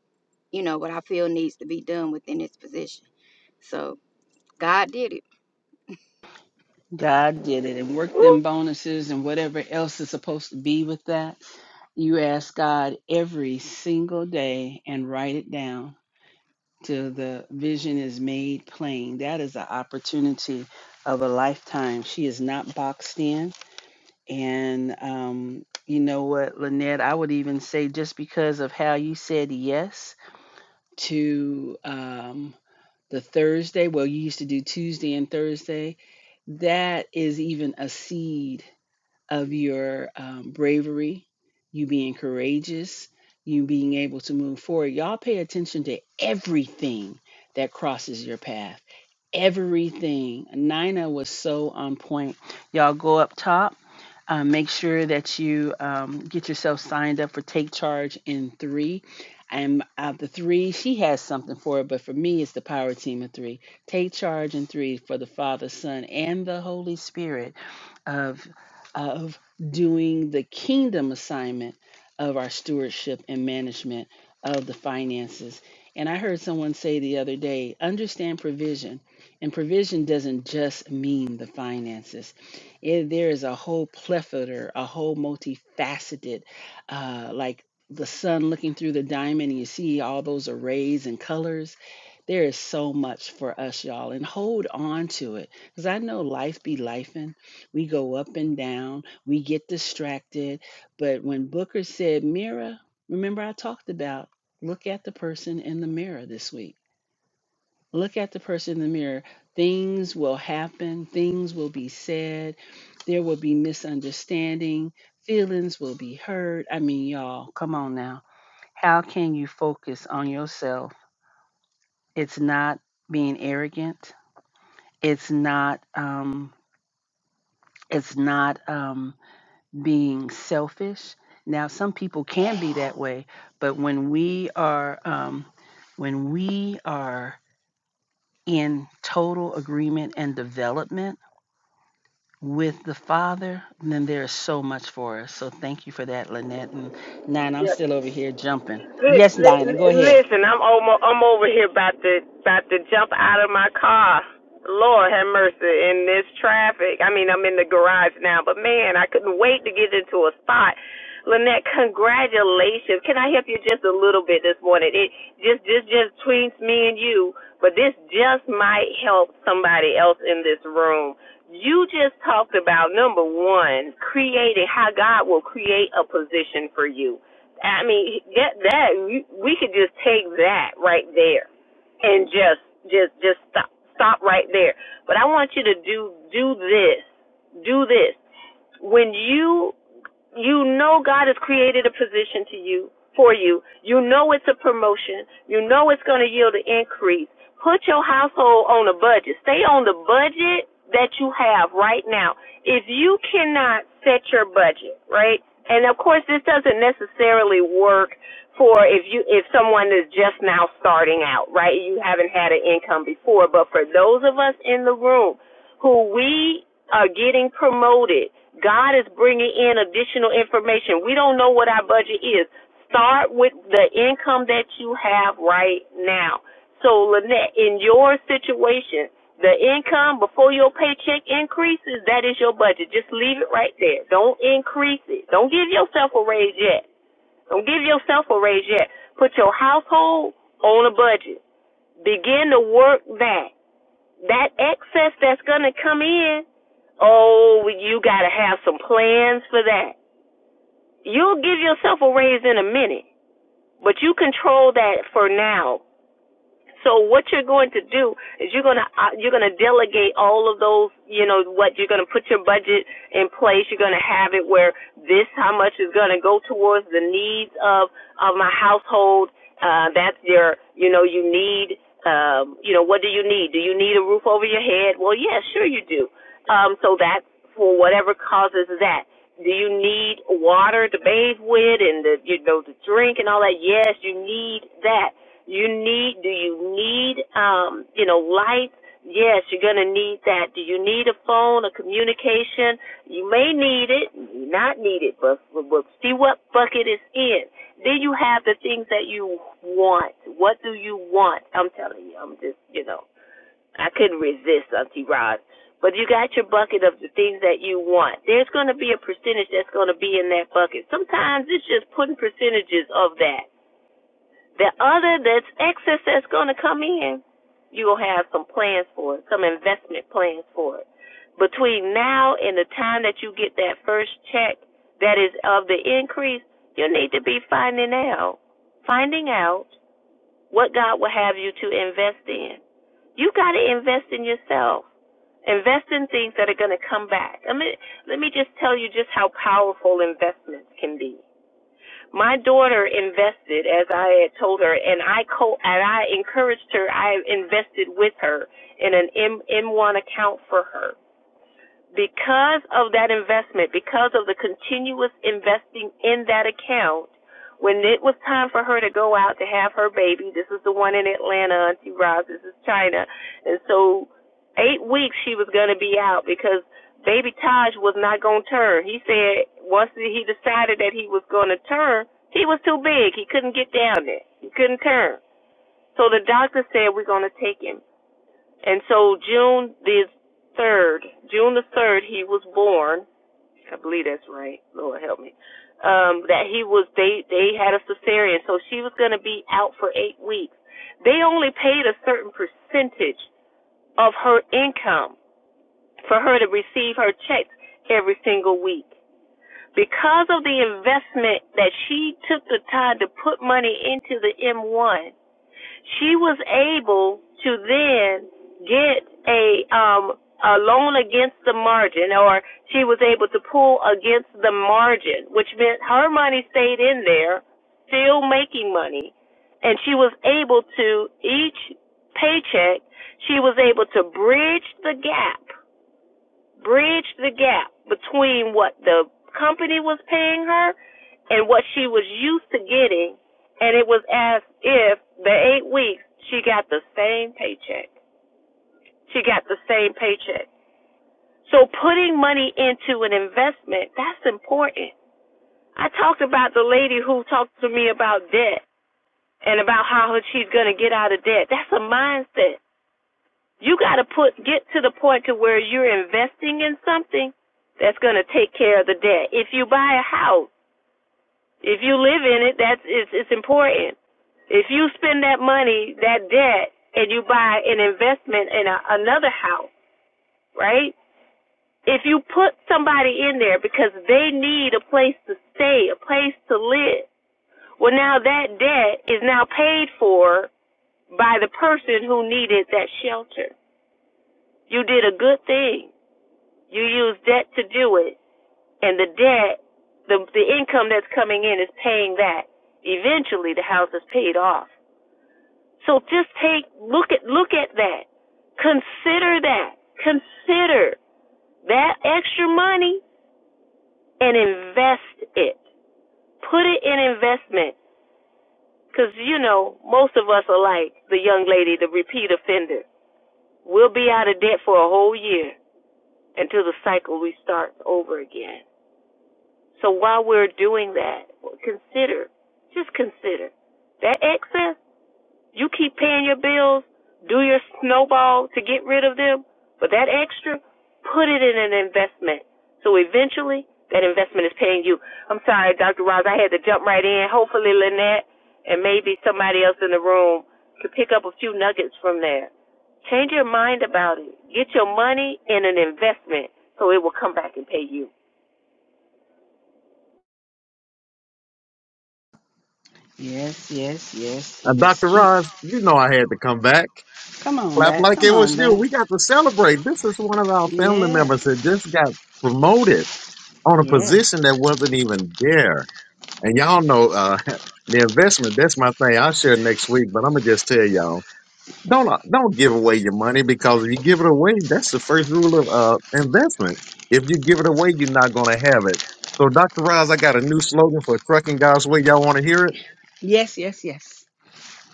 you know what I feel needs to be done within this position. So God did it.
God did it and work
Woo.
them bonuses and whatever else is supposed to be with that. You ask God every single day and write it down till the vision is made plain. That is an opportunity of a lifetime. She is not boxed in. And um, you know what, Lynette, I would even say just because of how you said yes to um, the Thursday. Well, you used to do Tuesday and Thursday. That is even a seed of your um, bravery, you being courageous, you being able to move forward. Y'all pay attention to everything that crosses your path. Everything. Nina was so on point. Y'all go up top. Uh, make sure that you um, get yourself signed up for Take Charge in three. And out of the three, she has something for it, but for me, it's the power team of three. Take charge in three for the Father, Son, and the Holy Spirit of of doing the kingdom assignment of our stewardship and management of the finances. And I heard someone say the other day, understand provision. And provision doesn't just mean the finances. It, there is a whole plethora, a whole multifaceted, uh, like the sun looking through the diamond, and you see all those arrays and colors. There is so much for us, y'all, and hold on to it. Because I know life be life. We go up and down, we get distracted. But when Booker said mirror, remember I talked about look at the person in the mirror this week. Look at the person in the mirror. Things will happen, things will be said, there will be misunderstanding, feelings will be hurt. I mean, y'all, come on now. How can you focus on yourself? It's not being arrogant. It's not um it's not Um, being selfish. Now, some people can be that way, but when we are um, when we are in total agreement and development with the Father, then there is so much for us. So, thank you for that, Lynette. And Nine, I'm
yeah,
still over here jumping.
Li-
Yes,
li-
Diana, go ahead.
Listen, I'm almost, I'm over here about to about to jump out of my car. Lord have mercy in this traffic. I mean, I'm in the garage now, but man, I couldn't wait to get into a spot. Lynette, congratulations. Can I help you just a little bit this morning? It just this just tweets me and you, but this just might help somebody else in this room. You just talked about number one, creating how God will create a position for you I mean, get that. You, we could just take that right there, and just just just stop stop right there. But I want you to do do this, do this. When you you know God has created a position to you for you. You know it's a promotion. You know it's going to yield an increase. Put your household on a budget. Stay on the budget that you have right now. If you cannot set your budget, right? And of course this doesn't necessarily work for if you if someone is just now starting out, right? You haven't had an income before, but for those of us in the room who we are getting promoted. God is bringing in additional information. We don't know what our budget is. Start with the income that you have right now. So, Lynette, in your situation, the income before your paycheck increases, that is your budget. Just leave it right there. Don't increase it. Don't give yourself a raise yet. Don't give yourself a raise yet. Put your household on a budget. Begin to work that. That excess that's going to come in Oh, you gotta have some plans for that. You'll give yourself a raise in a minute, but you control that for now so what you're going to do is you're going to uh, you're going to delegate all of those, you know, what you're going to put your budget in place. You're going to have it where this how much is going to go towards the needs of of my household. Uh that's your, you know, you need um, you know, what do you need? Do you need a roof over your head? Well, yeah, sure you do. Um so that's for whatever causes that. Do you need water to bathe with and the you know to drink and all that? Yes, you need that you need, do you need, um, you know, lights? Yes, you're going to need that. Do you need a phone, a communication? You may need it, you may not need it, but, but, see what bucket it's in. Then you have the things that you want. What do you want? I'm telling you, I'm just, you know, I couldn't resist Auntie Rod. But you got your bucket of the things that you want. There's going to be a percentage that's going to be in that bucket. Sometimes it's just putting percentages of that the other, that's excess that's going to come in, you will have some plans for it, some investment plans for it. Between now and the time that you get that first check that is of the increase, you need to be finding out, finding out what God will have you to invest in. You got to invest in yourself. Invest in things that are going to come back. I mean, let me just tell you just how powerful investments can be. My daughter invested, as I had told her, and I co and I encouraged her. I invested with her in an M M1 account for her because of that investment, because of the continuous investing in that account, when it was time for her to go out to have her baby, this is the one in Atlanta, Auntie Roz, this is China. And so eight weeks she was going to be out because baby Taj was not going to turn. He said once he decided that he was going to turn, he was too big. He couldn't get down there. He couldn't turn. So the doctor said, we're going to take him and so June the third, June the third, he was born. I believe that's right. Lord help me. Um, that he was they they had a cesarean, so she was going to be out for eight weeks. They only paid a certain percentage of her income for her to receive her checks every single week. Because of the investment that she took the time to put money into the M1, she was able to then get a um a loan against the margin or she was able to pull against the margin, which meant her money stayed in there, still making money, and she was able to each paycheck, she was able to bridge the gap bridge the gap between what the company was paying her and what she was used to getting, and it was as if the eight weeks she got the same paycheck. She got the same paycheck. So putting money into an investment, that's important. I talked about the lady who talked to me about debt and about how she's going to get out of debt. That's a mindset. You got to put get to the point to where you're investing in something that's going to take care of the debt. If you buy a house, if you live in it, that's it's, it's important. If you spend that money, that debt, and you buy an investment in a, another house, right? If you put somebody in there because they need a place to stay, a place to live, well now that debt is now paid for by the person who needed that shelter. You did a good thing. You use debt to do it, and the debt, the the income that's coming in is paying that. Eventually, the house is paid off. So just take look at look at that. Consider that. Consider that extra money and invest it. Put it in investment. Because, you know, most of us are like the young lady, the repeat offender. We'll be out of debt for a whole year until the cycle restarts over again. So while we're doing that, consider, just consider that excess. You keep paying your bills, do your snowball to get rid of them, but that extra, put it in an investment. So eventually, that investment is paying you. I'm sorry, Dr. Ross, I had to jump right in. Hopefully, Lynette and maybe somebody else in the room could pick up a few nuggets from there. Change your mind about it. Get your money in an investment so it will come back and pay you.
Yes, yes, yes,
Uh,
yes.
Dr.
Keep.
Roz, you know I had to come back.
Come on
Clap
back.
like it
Come
was
on
you.
back.
We got to celebrate. This is one of our family members
Yes,
that just got promoted on a
yes,
position that wasn't even there. And y'all know uh the investment, that's my thing. I'll share next week, but I'm gonna just tell y'all. Don't uh, don't give away your money because if you give it away, that's the first rule of uh, investment. If you give it away, you're not going to have it. So, Dr. Roz, I got a new slogan for Trucking God's Way. Y'all want to hear it?
yes, yes, yes.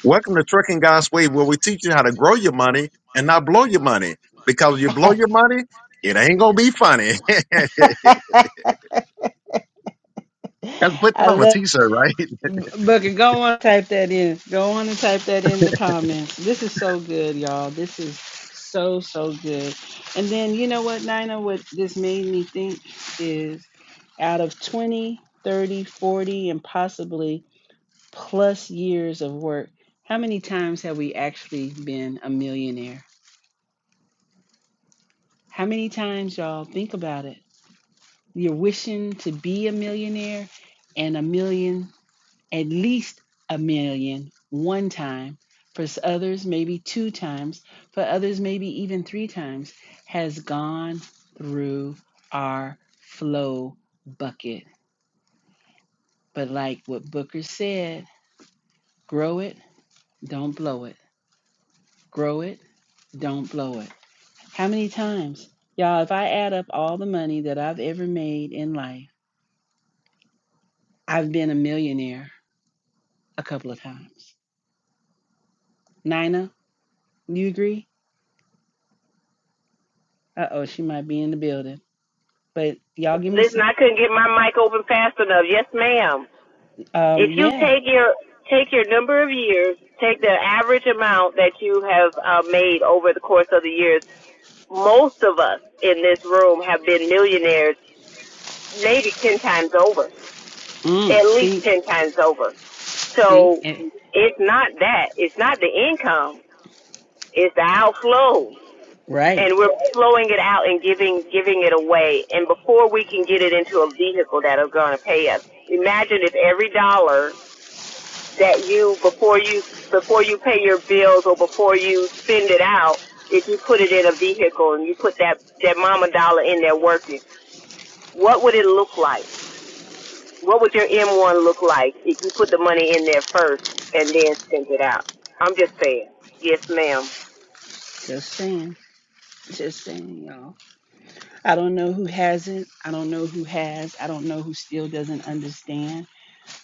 Welcome to
One
Trucking God's
restricting
Way, where
God's
we
way
teach
where
you how
we
to
teach
grow
you
your
how to grow
money
your
and
money
not blow
and
your
not blow
money.
your money.
Because you blow your money, it ain't going to be funny. Let's
Blow your money
put that on
ain't
a t-shirt, right?
gonna be money. I love Booker. Go on and type that in. Go on and type that in the comments. This is so good, y'all. This is so so good. And then you know what, Nina? What this made me think is out of 20, 30, 40, and possibly plus years of work, how many times have we actually been a millionaire? How many times, y'all? Think about it. You're wishing to be a millionaire and a million, at least a million, one time. For others, maybe two times. For others, maybe even three times, has gone through our flow bucket. But like what Booker said, grow it, don't blow it. Grow it, don't blow it. How many times? Y'all, if I add up all the money that I've ever made in life, I've been a millionaire a couple of times. Nina, you agree? Uh oh, she might be in the building. But y'all give me
Listen,
some.
I couldn't get my mic open fast enough. Yes, ma'am.
Um,
If you
yeah.
take your take your number of years, take the average amount that you have uh, made over the course of the years. Most of us in this room have been millionaires, maybe ten times over,
Mm,
at least
see,
ten times over.
see,
So
and,
it's not that. It's not the income. It's the outflow.
right.
and we're flowing it out and giving giving it away. And before we can get it into a vehicle that is going to pay us, imagine if every dollar that you before you before you pay your bills or before you spend it out, if you put it in a vehicle and you put that that mama dollar in there working, what would it look like? What would your M1 look like if you put the money in there first and then spent it out? I'm just saying. Yes, ma'am.
Just saying, just saying, y'all. I don't know who has it. I don't know who has. I don't know who still doesn't understand.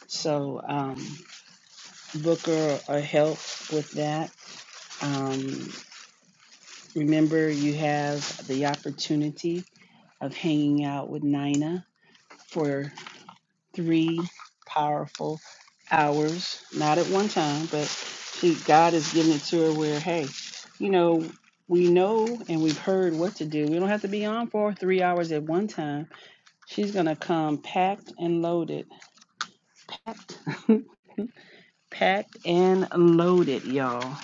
So, um, Booker or help with that. Um, remember, you have the opportunity of hanging out with Nina for. three powerful hours, not at one time, but she, God is giving it to her where, hey, you know, we know and we've heard what to do. We don't have to be on for three hours at one time. She's going to come packed and loaded. Packed, packed and loaded, y'all,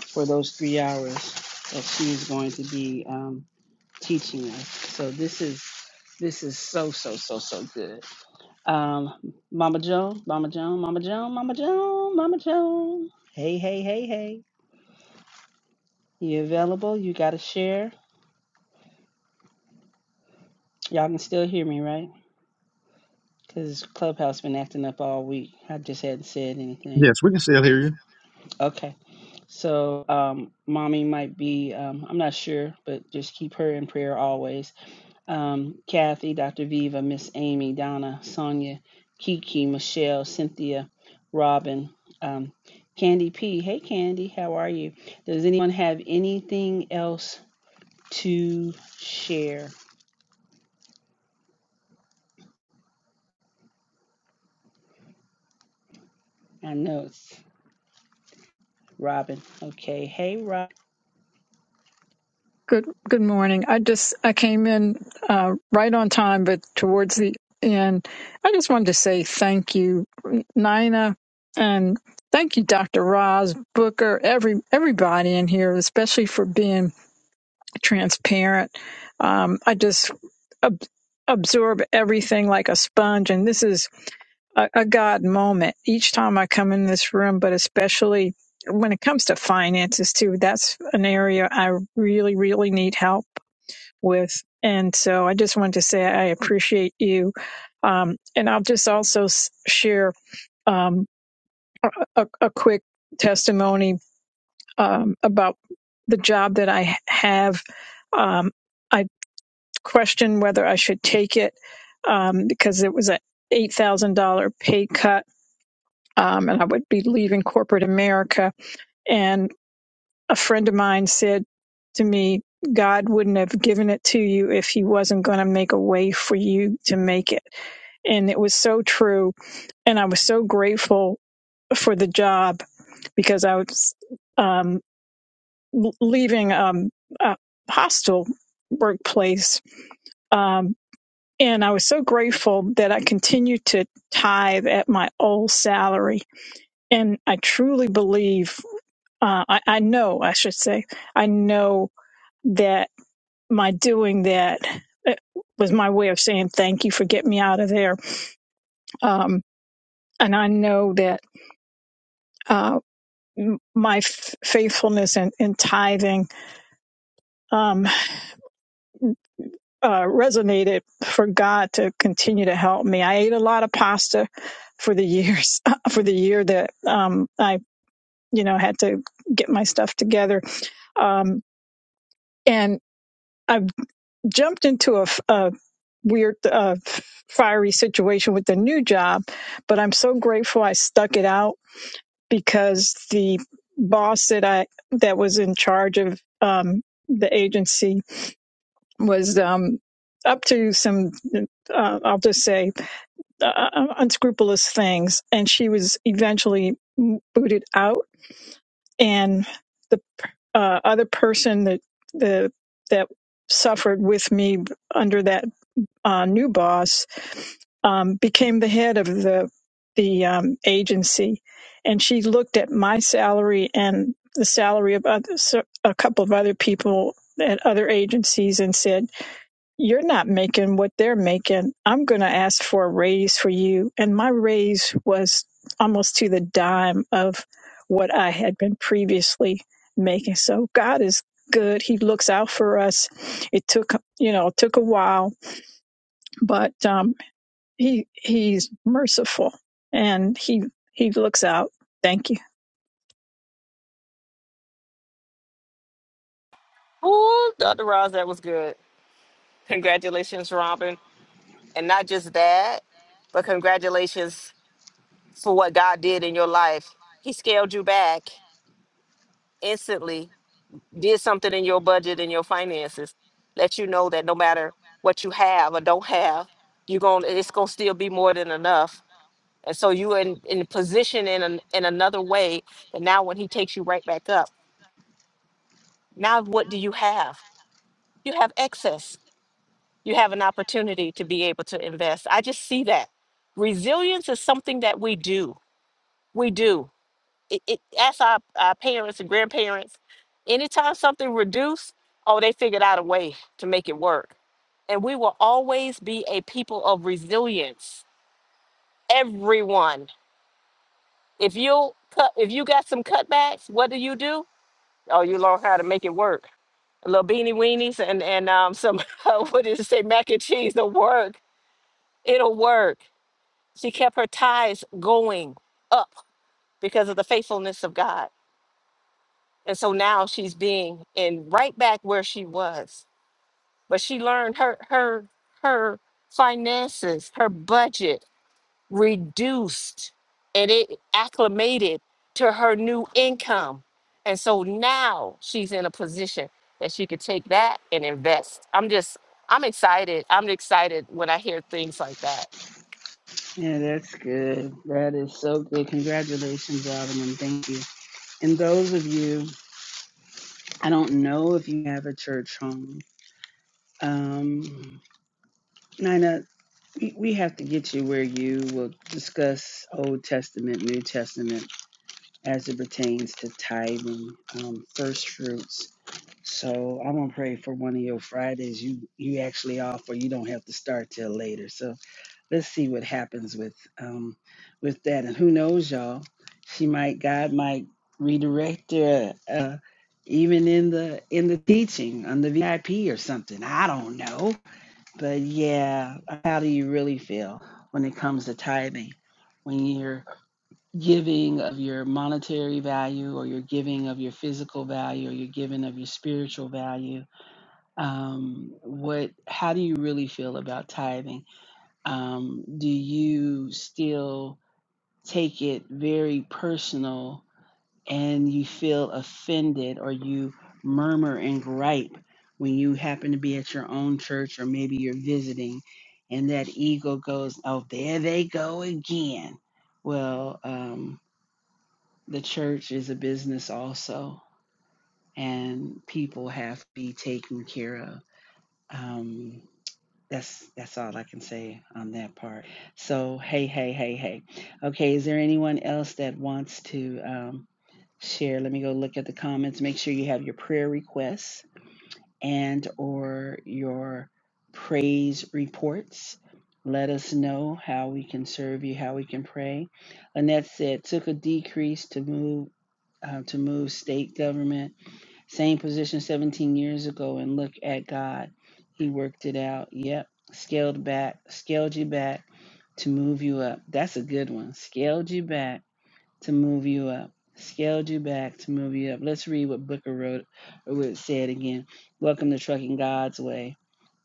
for those three hours that she's going to be um, teaching us. So this is this is so so so so good. Um, Mama Joan, Mama Joan, Mama Joan, Mama Joan, Mama Joan. Hey, hey, hey, hey. You available? You got to share. Y'all can still hear me, right? Because Clubhouse been acting up all week. I just hadn't said anything.
Yes, we can still hear you.
Okay. So, um, mommy might be, um, I'm not sure, but just keep her in prayer always. um, Kathy, Dr. Viva, Miss Amy, Donna, Sonia, Kiki, Michelle, Cynthia, Robin, um, Candy P. Hey, Candy, how are you? Does anyone have anything else to share? I know it's Robin. Okay. Hey, Rob.
Good good morning. I just I came in uh, right on time, but towards the end, I just wanted to say thank you, Nina, and thank you, Dr. Roz Booker, every everybody in here, especially for being transparent. Um, I just ab- absorb everything like a sponge, and this is a, a God moment each time I come in this room, but especially when it comes to finances too. That's an area I really really need help with. And so I just wanted to say I appreciate you. Um, and I'll just also s- share um, a, a quick testimony um, about the job that I have. Um, I questioned whether I should take it um, because it was an $8,000 pay cut. Um, and I would be leaving corporate America. and. a friend of mine said to me, God wouldn't have given it to you if he wasn't going to make a way for you to make it. And it was so true. And I was so grateful for the job because I was um, leaving um, a hostile workplace. Um, and I was so grateful that I continued to tithe at my old salary. And I truly believe, uh, I, I know, I should say, I know that. my doing that uh, was my way of saying thank you for getting me out of there. Um, and I know that uh, my f- faithfulness in, in tithing um, uh, resonated for God to continue to help me. I ate a lot of pasta for the years for the year that um, I you know had to get my stuff together. Um, and I've jumped into a a weird, uh, fiery situation with the new job, but I'm so grateful I stuck it out because the boss that I that was in charge of um, the agency was um, up to some, uh, I'll just say, uh, uh, unscrupulous things, and she was eventually booted out, and the uh, other person that the that suffered with me under that uh, new boss um, became the head of the the um, agency, and she looked at my salary and the salary of others, a couple of other people at other agencies, and said, "You're not making what they're making. I'm going to ask for a raise for you." And my raise was almost to the dime of what I had been previously making. So God is good. He looks out for us. It took you know it took a while, but um, he he's merciful and he he looks out. Thank you.
Oh, Dr. Roz, that was good. Congratulations, Robin. And not just that, but congratulations for what God did in your life. He scaled you back instantly, did something in your budget and your finances, let you know that no matter what you have or don't have, you're going it's gonna still be more than enough. And so you in in position in an, in another way that now when he takes you right back up, now what do you have? You have excess. You have an opportunity to be able to invest. I just see that. Resilience is something that we do We do. It, it, ask our, our parents and grandparents. Anytime something reduced, oh, they figured out a way to make it work. And we will always be a people of resilience. Everyone. If you cut, if you got some cutbacks, what do you do? Oh, you learn how to make it work. Little beanie weenies and and um some what did it say mac and cheese? It'll work. It'll work. She kept her ties going up because of the faithfulness of God and so now she's being in right back where she was but she learned her her her finances her budget reduced and it acclimated to her new income and so now she's in a position that she could take that and invest i'm just i'm excited i'm excited when i hear things like that
Yeah, that's good. That is so good. Congratulations, Robin, and thank you. And those of you, I don't know if you have a church home. Um, Nina, we we have to get you where you will discuss Old Testament, New Testament as it pertains to tithing, um, first fruits. So I'm gonna pray for one of your Fridays. You you actually offer. You don't have to start till later. So let's see what happens with um with that. And who knows, y'all? She might God might redirect her uh, even in the in the teaching on the VIP or something. I don't know but yeah, how do you really feel when it comes to tithing? When you're giving of your monetary value, or you're giving of your physical value, or you're giving of your spiritual value, um, what? How do you really feel about tithing? Um, do you still take it very personal and you feel offended or you murmur and gripe when you happen to be at your own church or maybe you're visiting and that ego goes oh there they go again well um, the church is a business also and people have to be taken care of um, that's that's all I can say on that part. So hey, hey, hey, hey. Okay, is there anyone else that wants to um, share? Let me go look at the comments. Make sure you have your prayer requests and or your praise reports. Let us know how we can serve you, how we can pray. Annette said took a decrease to move uh, to move state government same position 17 years ago and look at God. He worked it out. Yep. Scaled back, scaled you back to move you up. That's a good one. Scaled you back to move you up. Scaled you back to move you up. Let's read what Booker wrote or what it said again. Welcome to Trucking God's Way.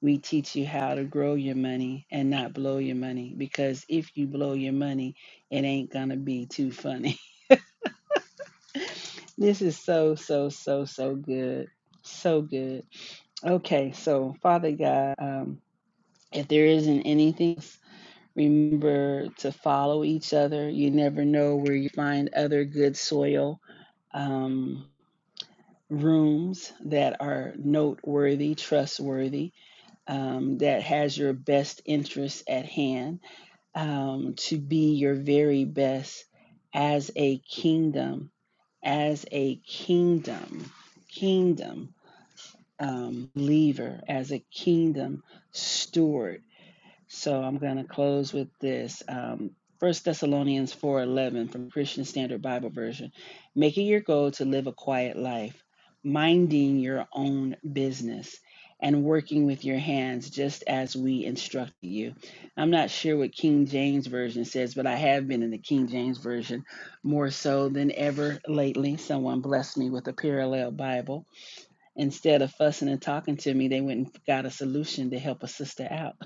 We teach you how to grow your money and not blow your money because if you blow your money, it ain't gonna be too funny. this is so, so, so, so good. So good. Okay, so Father God, um, if there isn't anything, else, remember to follow each other. You never know where you find other good soil um, rooms that are noteworthy, trustworthy, um, that has your best interests at hand, um, to be your very best as a kingdom, as a kingdom, kingdom um, believer, as a kingdom steward. So I'm going to close with this. Um, 1 Thessalonians 4:11 from Christian Standard Bible Version. Make it your goal to live a quiet life, minding your own business and working with your hands just as we instructed you. I'm not sure what King James version says, but I have been in the King James version more so than ever lately. Someone blessed me with a parallel Bible Instead of fussing and talking to me, they went and got a solution to help a sister out.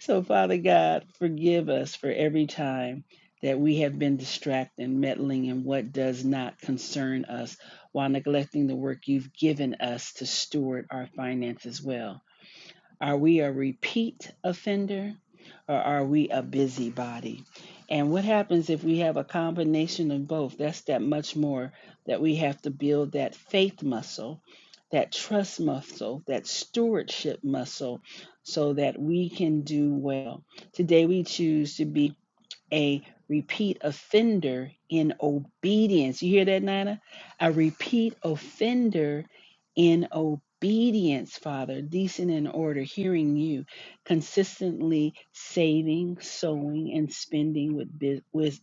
So, Father God, forgive us for every time that we have been distracted, meddling in what does not concern us while neglecting the work you've given us to steward our finances well. Are we a repeat offender or are we a busybody? And what happens if we have a combination of both? That's that much more that we have to build that faith muscle, that trust muscle, that stewardship muscle, so that we can do well. Today we choose to be a repeat offender in obedience. You hear that, Nana? A repeat offender in obedience, Father, decent in order, hearing you, consistently saving, sowing, and spending with bi- wisdom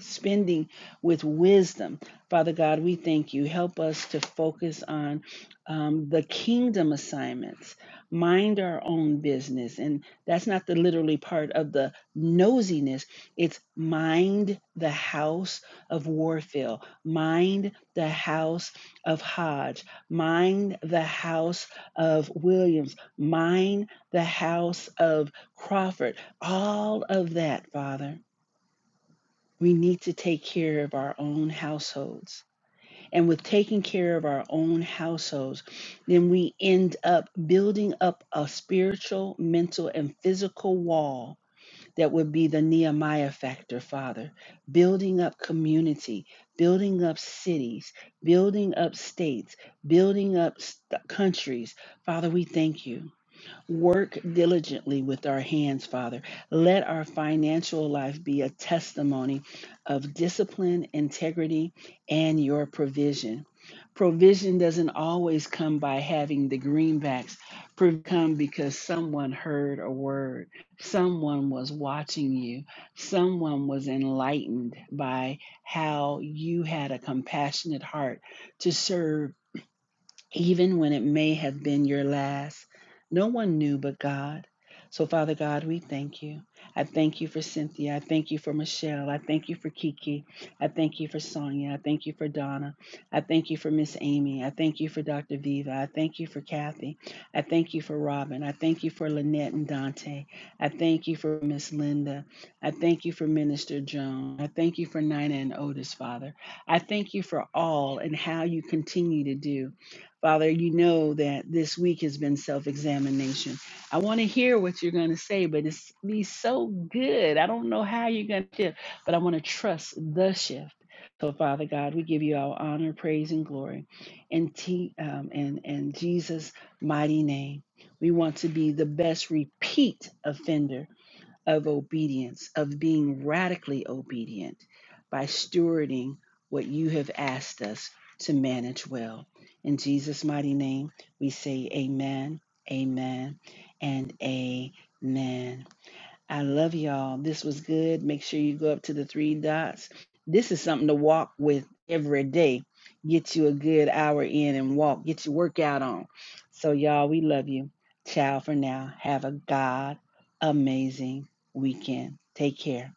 spending with wisdom. Father God, we thank you. Help us to focus on um, the kingdom assignments, mind our own business. And that's not the literally part of the nosiness, it's mind the house of Warfield, mind the house of Hodge, mind the house of Williams, mind the house of Crawford. All of that, Father. We need to take care of our own households. And with taking care of our own households, then we end up building up a spiritual, mental, and physical wall that would be the Nehemiah factor, Father. Building up community, building up cities, building up states, building up st- countries. Father, we thank you. Work diligently with our hands, Father. Let our financial life be a testimony of discipline, integrity, and your provision. Provision doesn't always come by having the greenbacks. Prov- Come because someone heard a word, someone was watching you, someone was enlightened by how you had a compassionate heart to serve even when it may have been your last. No one knew but God. So, Father God, we thank you. I thank you for Cynthia. I thank you for Michelle. I thank you for Kiki. I thank you for Sonia. I thank you for Donna. I thank you for Miss Amy. I thank you for Dr. Viva. I thank you for Kathy. I thank you for Robin. I thank you for Lynette and Dante. I thank you for Miss Linda. I thank you for Minister Joan. I thank you for Nina and Otis, Father. I thank you for all and how you continue to do. Father, you know that this week has been self examination. I want to hear what you're going to say, but it's be so good. I don't know how you're going to shift, but I want to trust the shift. So, Father God, we give you all honor, praise, and glory, and t- um, and and Jesus' mighty name. We want to be the best repeat offender of obedience, of being radically obedient by stewarding what you have asked us to manage well. In Jesus' mighty name, we say amen, amen, and amen. I love y'all. This was good. Make sure you go up to the three dots. This is something to walk with every day. Get you a good hour in and walk. Get your workout on. So, y'all, we love you. Ciao for now. Have a God amazing weekend. Take care.